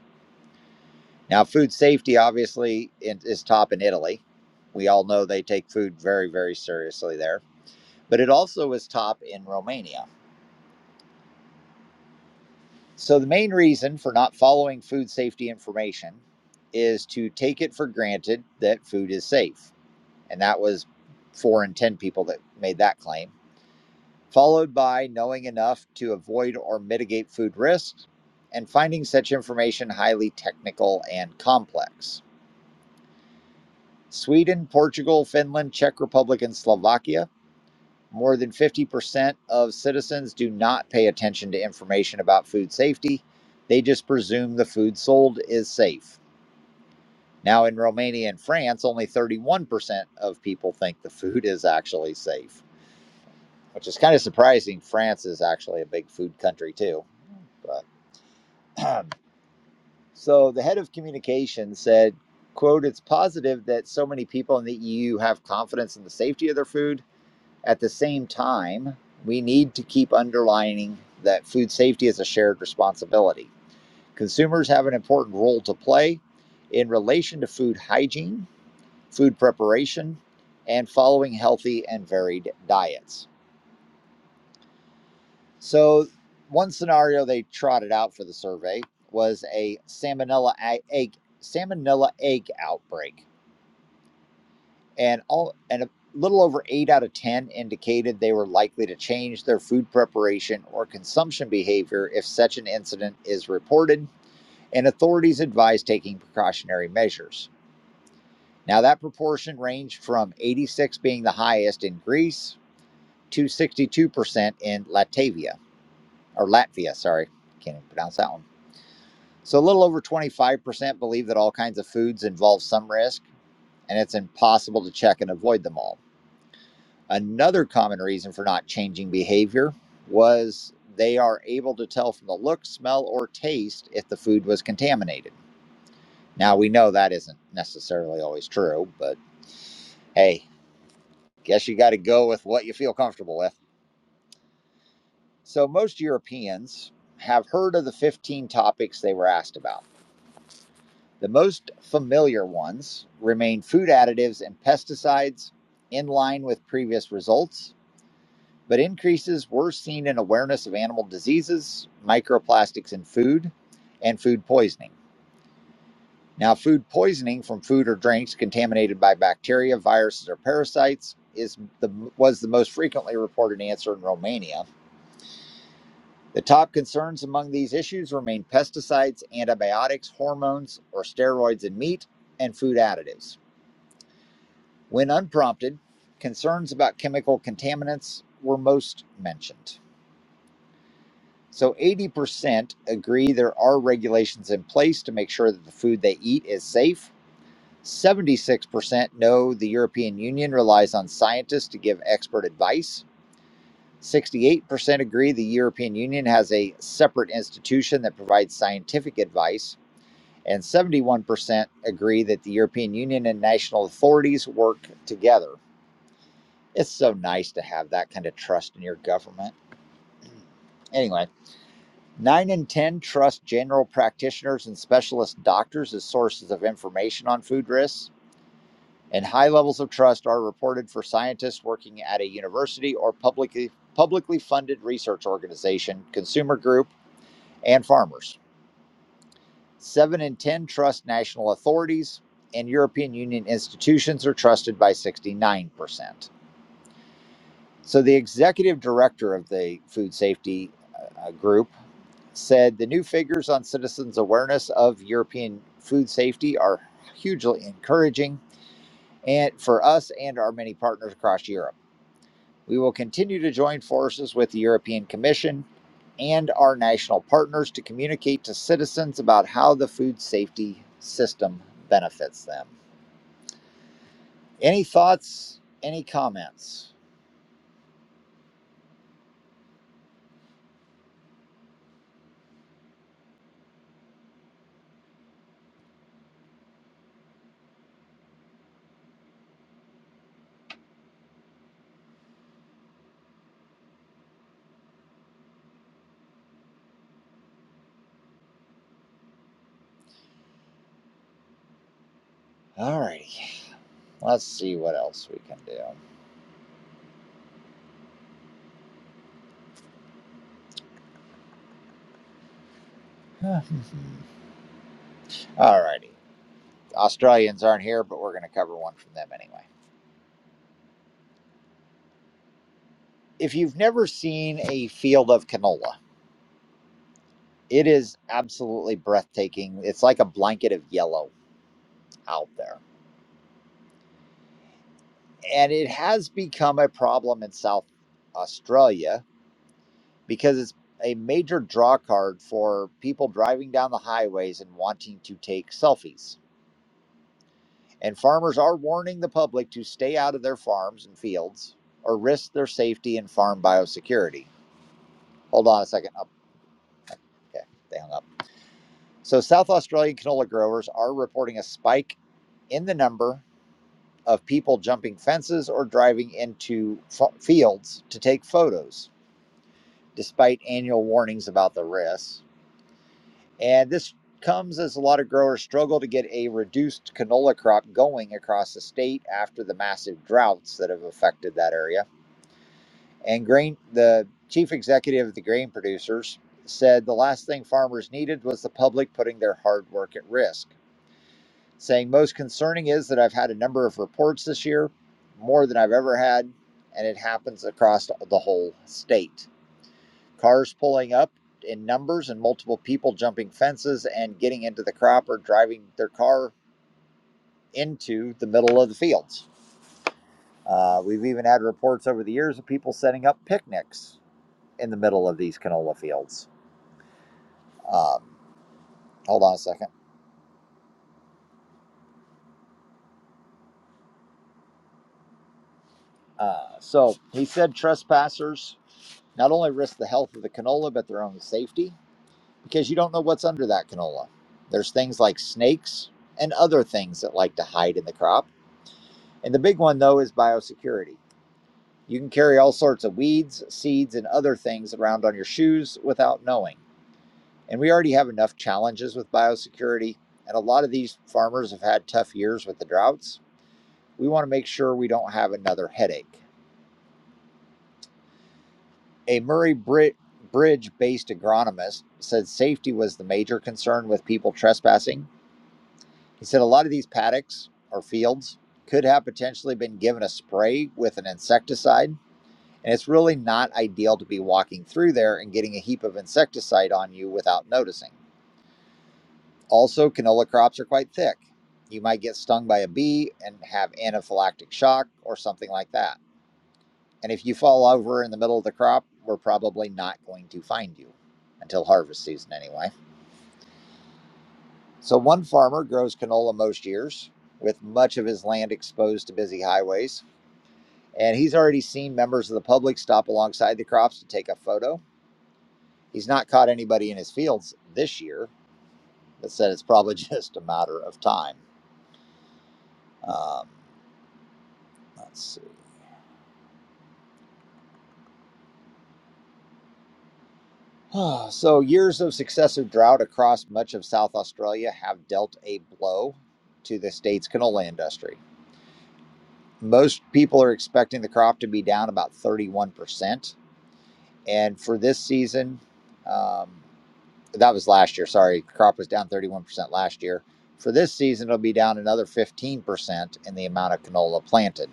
Speaker 1: Now, food safety obviously is top in Italy. We all know they take food very, very seriously there, but it also is top in Romania. So, the main reason for not following food safety information is to take it for granted that food is safe. And that was four in 10 people that made that claim, followed by knowing enough to avoid or mitigate food risks and finding such information highly technical and complex. Sweden, Portugal, Finland, Czech Republic, and Slovakia, more than 50% of citizens do not pay attention to information about food safety. They just presume the food sold is safe. Now, in Romania and France, only 31% of people think the food is actually safe. which is kind of surprising. France is actually a big food country too. But so the head of communications said, "quote It's positive that so many people in the EU have confidence in the safety of their food. At the same time, we need to keep underlining that food safety is a shared responsibility. Consumers have an important role to play in relation to food hygiene, food preparation, and following healthy and varied diets." So, one scenario they trotted out for the survey was a salmonella egg salmonella egg outbreak, and all and a little over eight out of ten indicated they were likely to change their food preparation or consumption behavior if such an incident is reported. And authorities advised taking precautionary measures. Now, that proportion ranged from 86 being the highest in Greece to 62% in Latvia or Latvia. Sorry, can't even pronounce that one. So a little over 25% believe that all kinds of foods involve some risk, and it's impossible to check and avoid them all. Another common reason for not changing behavior was they are able to tell from the look, smell, or taste if the food was contaminated. Now we know that isn't necessarily always true, but hey, guess you got to go with what you feel comfortable with. So most Europeans have heard of the 15 topics they were asked about The most familiar ones remain food additives and pesticides, in line with previous results, but increases were seen in awareness of animal diseases, microplastics in food, and food poisoning. Now, food poisoning from food or drinks contaminated by bacteria, viruses, or parasites is the, was the most frequently reported answer in Romania. The top concerns among these issues remain pesticides, antibiotics, hormones, or steroids in meat, and food additives. When unprompted, concerns about chemical contaminants were most mentioned. So 80% agree there are regulations in place to make sure that the food they eat is safe. 76% know the European Union relies on scientists to give expert advice. 68% agree the European Union has a separate institution that provides scientific advice. And 71% agree that the European Union and national authorities work together. It's so nice to have that kind of trust in your government. Anyway, nine in 10 trust general practitioners and specialist doctors as sources of information on food risks, and high levels of trust are reported for scientists working at a university or publicly, publicly funded research organization, consumer group, and farmers. Seven in 10 trust national authorities, and European Union institutions are trusted by 69%. So the executive director of the food safety uh, uh, group said the new figures on citizens' awareness of European food safety are hugely encouraging and for us and our many partners across Europe. We will continue to join forces with the European Commission and our national partners to communicate to citizens about how the food safety system benefits them. Any thoughts? Any comments? All righty. Let's see what else we can do. Alrighty. Australians aren't here, but we're going to cover one from them anyway. If you've never seen a field of canola, it is absolutely breathtaking. It's like a blanket of yellow out there. And it has become a problem in South Australia because it's a major draw card for people driving down the highways and wanting to take selfies. And farmers are warning the public to stay out of their farms and fields or risk their safety and farm biosecurity. Hold on a second. Oh, okay, they hung up. So, South Australian canola growers are reporting a spike in the number of people jumping fences or driving into f- fields to take photos, despite annual warnings about the risks. And this comes as a lot of growers struggle to get a reduced canola crop going across the state after the massive droughts that have affected that area. And grain, the chief executive of the grain producers said the last thing farmers needed was the public putting their hard work at risk, saying, Most concerning is that I've had a number of reports this year, more than I've ever had, and it happens across the whole state. Cars pulling up in numbers and multiple people jumping fences and getting into the crop or driving their car into the middle of the fields. Uh, we've even had reports over the years of people setting up picnics in the middle of these canola fields Um, hold on a second. Uh, so he said trespassers not only risk the health of the canola, but their own safety because you don't know what's under that canola. There's things like snakes and other things that like to hide in the crop. And the big one, though, is biosecurity. You can carry all sorts of weeds, seeds, and other things around on your shoes without knowing. And we already have enough challenges with biosecurity. And a lot of these farmers have had tough years with the droughts. We want to make sure we don't have another headache. A Murray Bridge based agronomist said safety was the major concern with people trespassing. He said a lot of these paddocks or fields could have potentially been given a spray with an insecticide, and it's really not ideal to be walking through there and getting a heap of insecticide on you without noticing. Also, canola crops are quite thick. You might get stung by a bee and have anaphylactic shock or something like that. And if you fall over in the middle of the crop, we're probably not going to find you until harvest season, anyway. So, one farmer grows canola most years with much of his land exposed to busy highways. And he's already seen members of the public stop alongside the crops to take a photo. He's not caught anybody in his fields this year, but said it's probably just a matter of time. Um, let's see. so, years of successive drought across much of South Australia have dealt a blow to the state's canola industry. Most people are expecting the crop to be down about 31%. And for this season, um, that was last year, sorry, crop was down 31% last year. For this season, it'll be down another 15% in the amount of canola planted.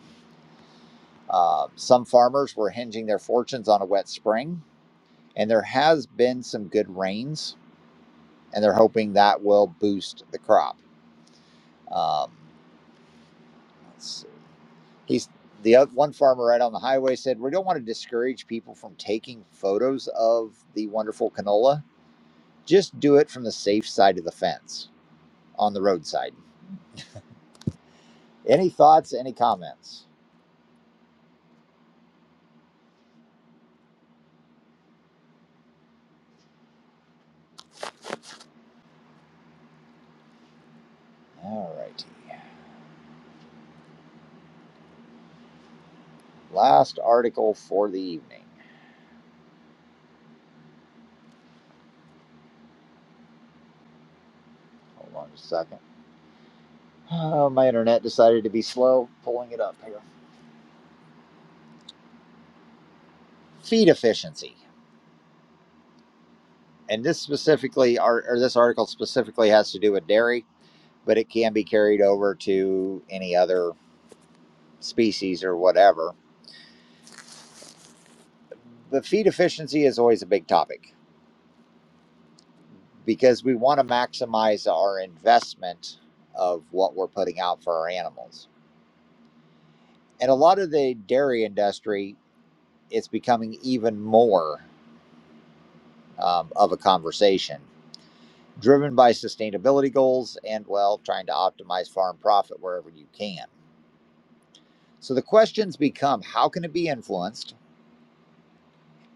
Speaker 1: Uh, some farmers were hinging their fortunes on a wet spring, and there has been some good rains and they're hoping that will boost the crop. Um, let's see. He's the oth- one farmer right on the highway said, "We don't want to discourage people from taking photos of the wonderful canola. Just do it from the safe side of the fence on the roadside." Any thoughts? Any comments? All righty. Last article for the evening. Hold on just a second. Oh, my internet decided to be slow pulling it up here. Feed efficiency. And this specifically, or, or this article specifically has to do with dairy. but it can be carried over to any other species or whatever. The feed efficiency is always a big topic because we want to maximize our investment of what we're putting out for our animals. And a lot of the dairy industry, it's becoming even more um, of a conversation driven by sustainability goals and, well, trying to optimize farm profit wherever you can. So the questions become how can it be influenced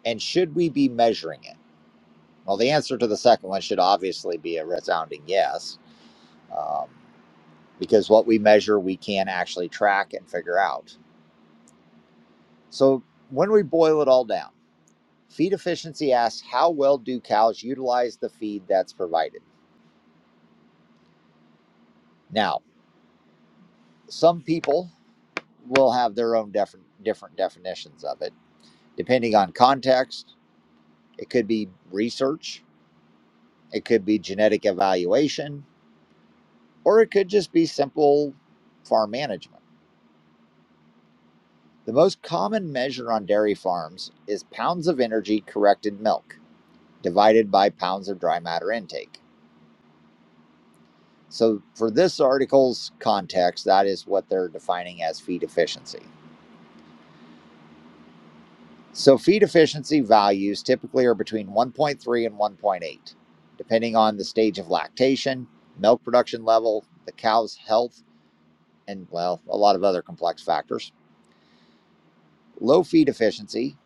Speaker 1: and should we be measuring it? Well, the answer to the second one should obviously be a resounding yes, um, because what we measure, we can actually track and figure out. So, when we boil it all down, feed efficiency asks how well do cows utilize the feed that's provided? Now, some people will have their own def- different definitions of it, depending on context. It could be research, it could be genetic evaluation, or it could just be simple farm management. The most common measure on dairy farms is pounds of energy corrected milk divided by pounds of dry matter intake. So, for this article's context, that is what they're defining as feed efficiency. So, feed efficiency values typically are between 1.3 and 1.8, depending on the stage of lactation, milk production level, the cow's health, and well, a lot of other complex factors. Low feed efficiency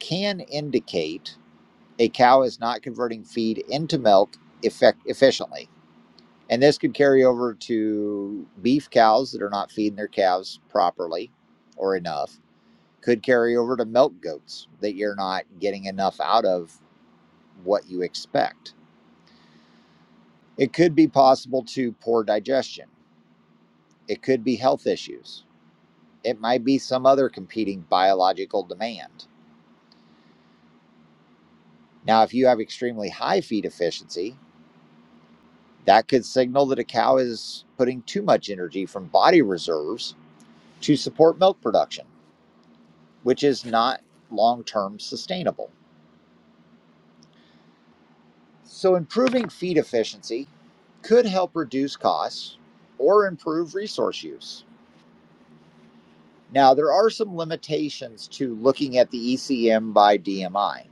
Speaker 1: can indicate a cow is not converting feed into milk effect- efficiently. And this could carry over to beef cows that are not feeding their calves properly or enough, could carry over to milk goats that you're not getting enough out of what you expect. It could be possible to poor digestion, it could be health issues, it might be some other competing biological demand. Now, if you have extremely high feed efficiency, That could signal that a cow is putting too much energy from body reserves to support milk production, which is not long term sustainable. So, improving feed efficiency could help reduce costs or improve resource use. Now, there are some limitations to looking at the ECM by DMI.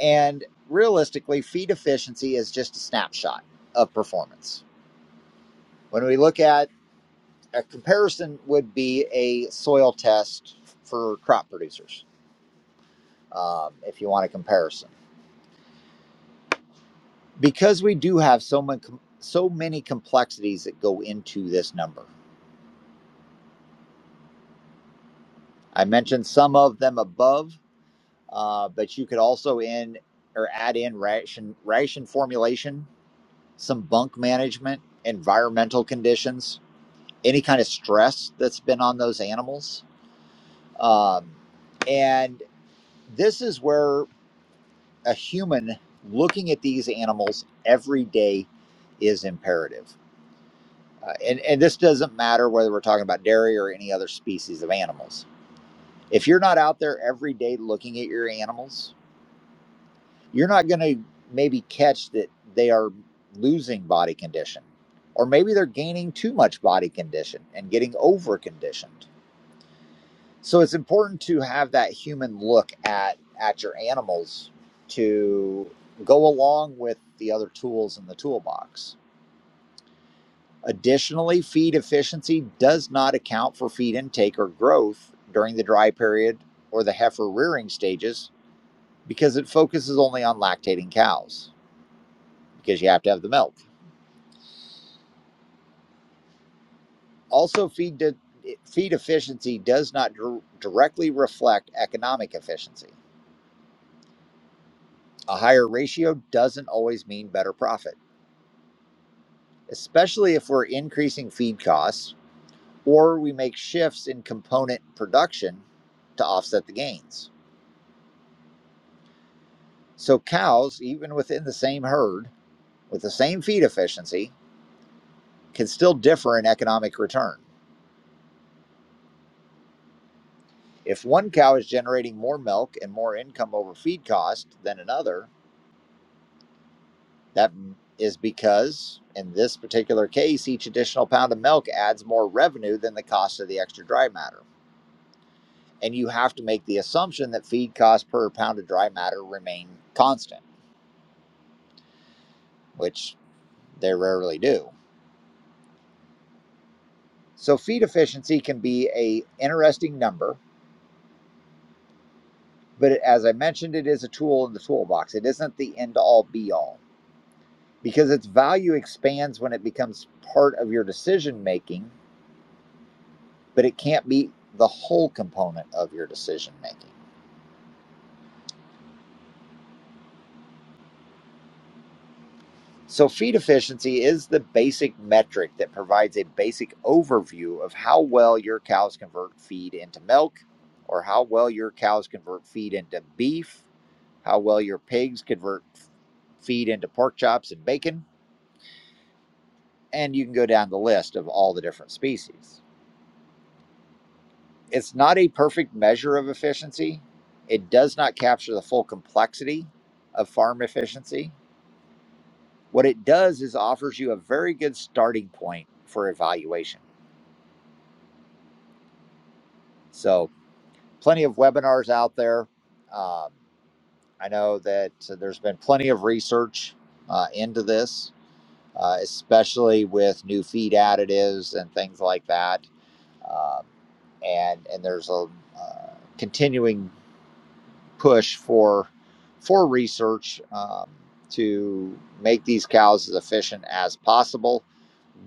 Speaker 1: And realistically, feed efficiency is just a snapshot of performance. When we look at a comparison would be a soil test for crop producers, um, if you want a comparison, because we do have so many so many complexities that go into this number. I mentioned some of them above, uh, but you could also in or add in ration ration formulation, some bunk management, environmental conditions, any kind of stress that's been on those animals, um, and this is where a human looking at these animals every day is imperative. Uh, and, and this doesn't matter whether we're talking about dairy or any other species of animals. If you're not out there every day looking at your animals, you're not going to maybe catch that they are losing body condition, or maybe they're gaining too much body condition and getting over conditioned So it's important to have that human look at at your animals to go along with the other tools in the toolbox. Additionally, feed efficiency does not account for feed intake or growth during the dry period or the heifer rearing stages because it focuses only on lactating cows because you have to have the milk. Also, feed di- feed efficiency does not dir- directly reflect economic efficiency. A higher ratio doesn't always mean better profit. especially if we're increasing feed costs or we make shifts in component production to offset the gains. So, cows, even within the same herd with the same feed efficiency, can still differ in economic return. If one cow is generating more milk and more income over feed cost than another, that is because, in this particular case, each additional pound of milk adds more revenue than the cost of the extra dry matter. and you have to make the assumption that feed costs per pound of dry matter remain constant, which they rarely do. So feed efficiency can be a interesting number, but as I mentioned, it is a tool in the toolbox. It isn't the end all be all because its value expands when it becomes part of your decision making, but it can't be the whole component of your decision making. So, feed efficiency is the basic metric that provides a basic overview of how well your cows convert feed into milk, or how well your cows convert feed into beef, how well your pigs convert feed into pork chops and bacon, and you can go down the list of all the different species. It's not a perfect measure of efficiency, it does not capture the full complexity of farm efficiency. What it does is offers you a very good starting point for evaluation. So, plenty of webinars out there. Um, I know that there's been plenty of research uh, into this, uh, especially with new feed additives and things like that. Um, and and there's a uh, continuing push for for research um, to make these cows as efficient as possible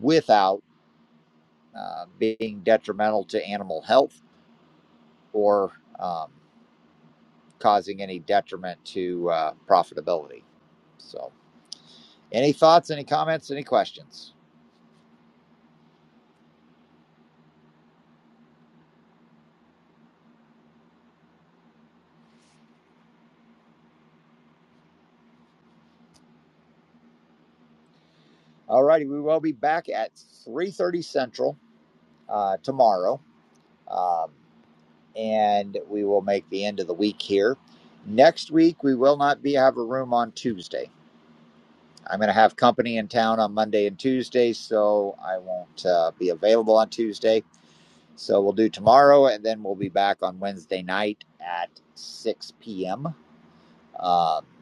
Speaker 1: without uh, being detrimental to animal health or um, causing any detriment to uh, profitability. So, any thoughts, any comments, any questions? All righty, we will be back at 3.30 Central uh, tomorrow, um, and we will make the end of the week here. Next week, we will not be have a room on Tuesday. I'm going to have company in town on Monday and Tuesday, so I won't uh, be available on Tuesday. So we'll do tomorrow, and then we'll be back on Wednesday night at 6 p.m. Um,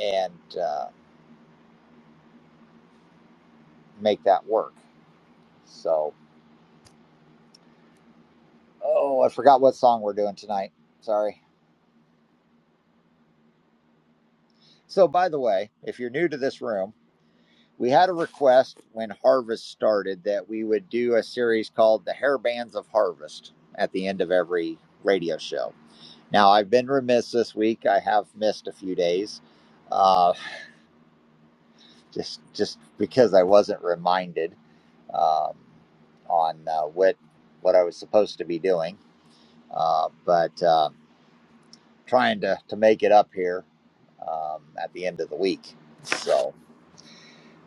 Speaker 1: and uh, make that work. So, oh, I forgot what song we're doing tonight. Sorry. So, by the way, if you're new to this room, we had a request when Harvest started that we would do a series called The Hairbands of Harvest at the end of every radio show. Now, I've been remiss this week. I have missed a few days uh, just just because I wasn't reminded um, on uh, what what I was supposed to be doing. Uh, but. uh, trying to, to make it up here um, at the end of the week. So,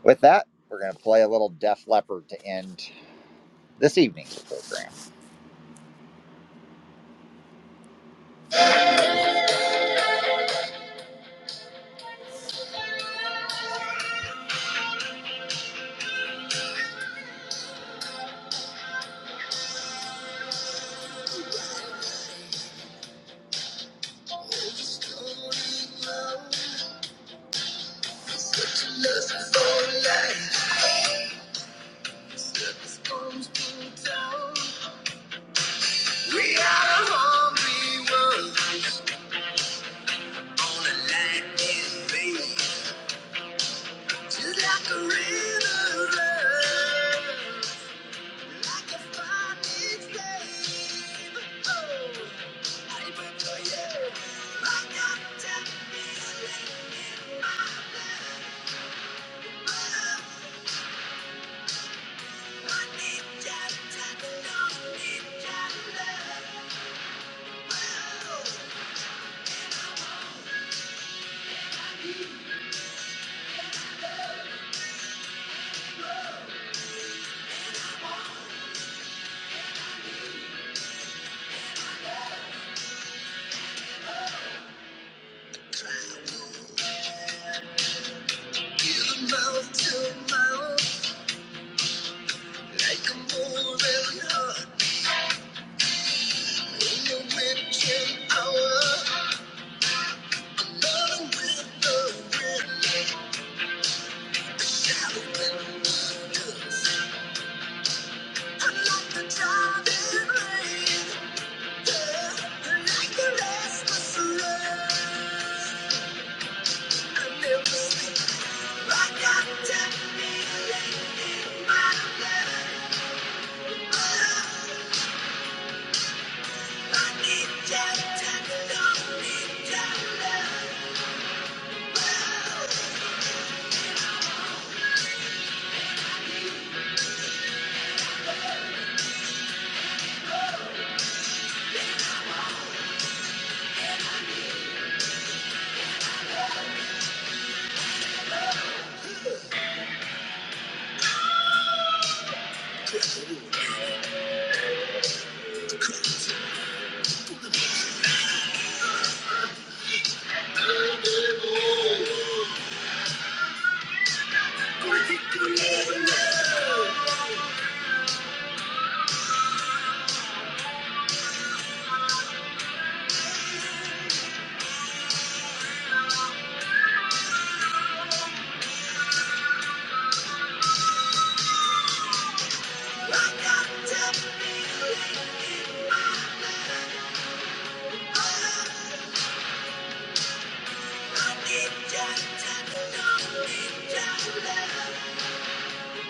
Speaker 1: with that, we're going to play a little Def Leppard to end this evening's program. We are a hungry world on a lightning beam, just like a river. Hour, another window, window, a shadow in the dust.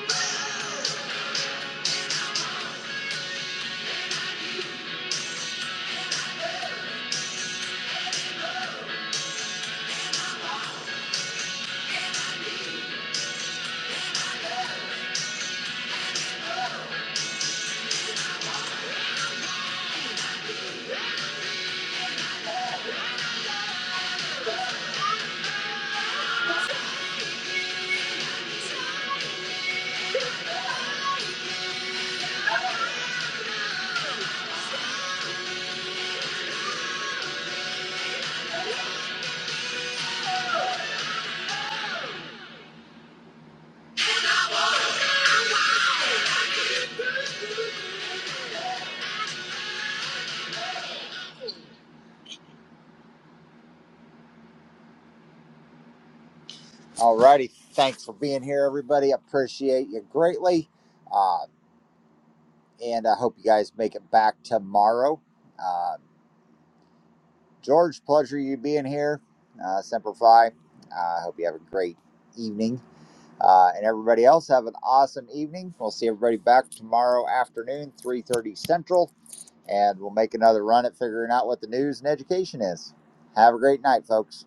Speaker 1: Yeah. Alrighty, thanks for being here, everybody. Appreciate you greatly, uh, and I hope you guys make it back tomorrow. Uh, George, pleasure you being here. Uh, Semper Fi. uh, I hope you have a great evening, uh, and everybody else have an awesome evening. We'll see everybody back tomorrow afternoon, three thirty Central, and we'll make another run at figuring out what the news and education is. Have a great night, folks.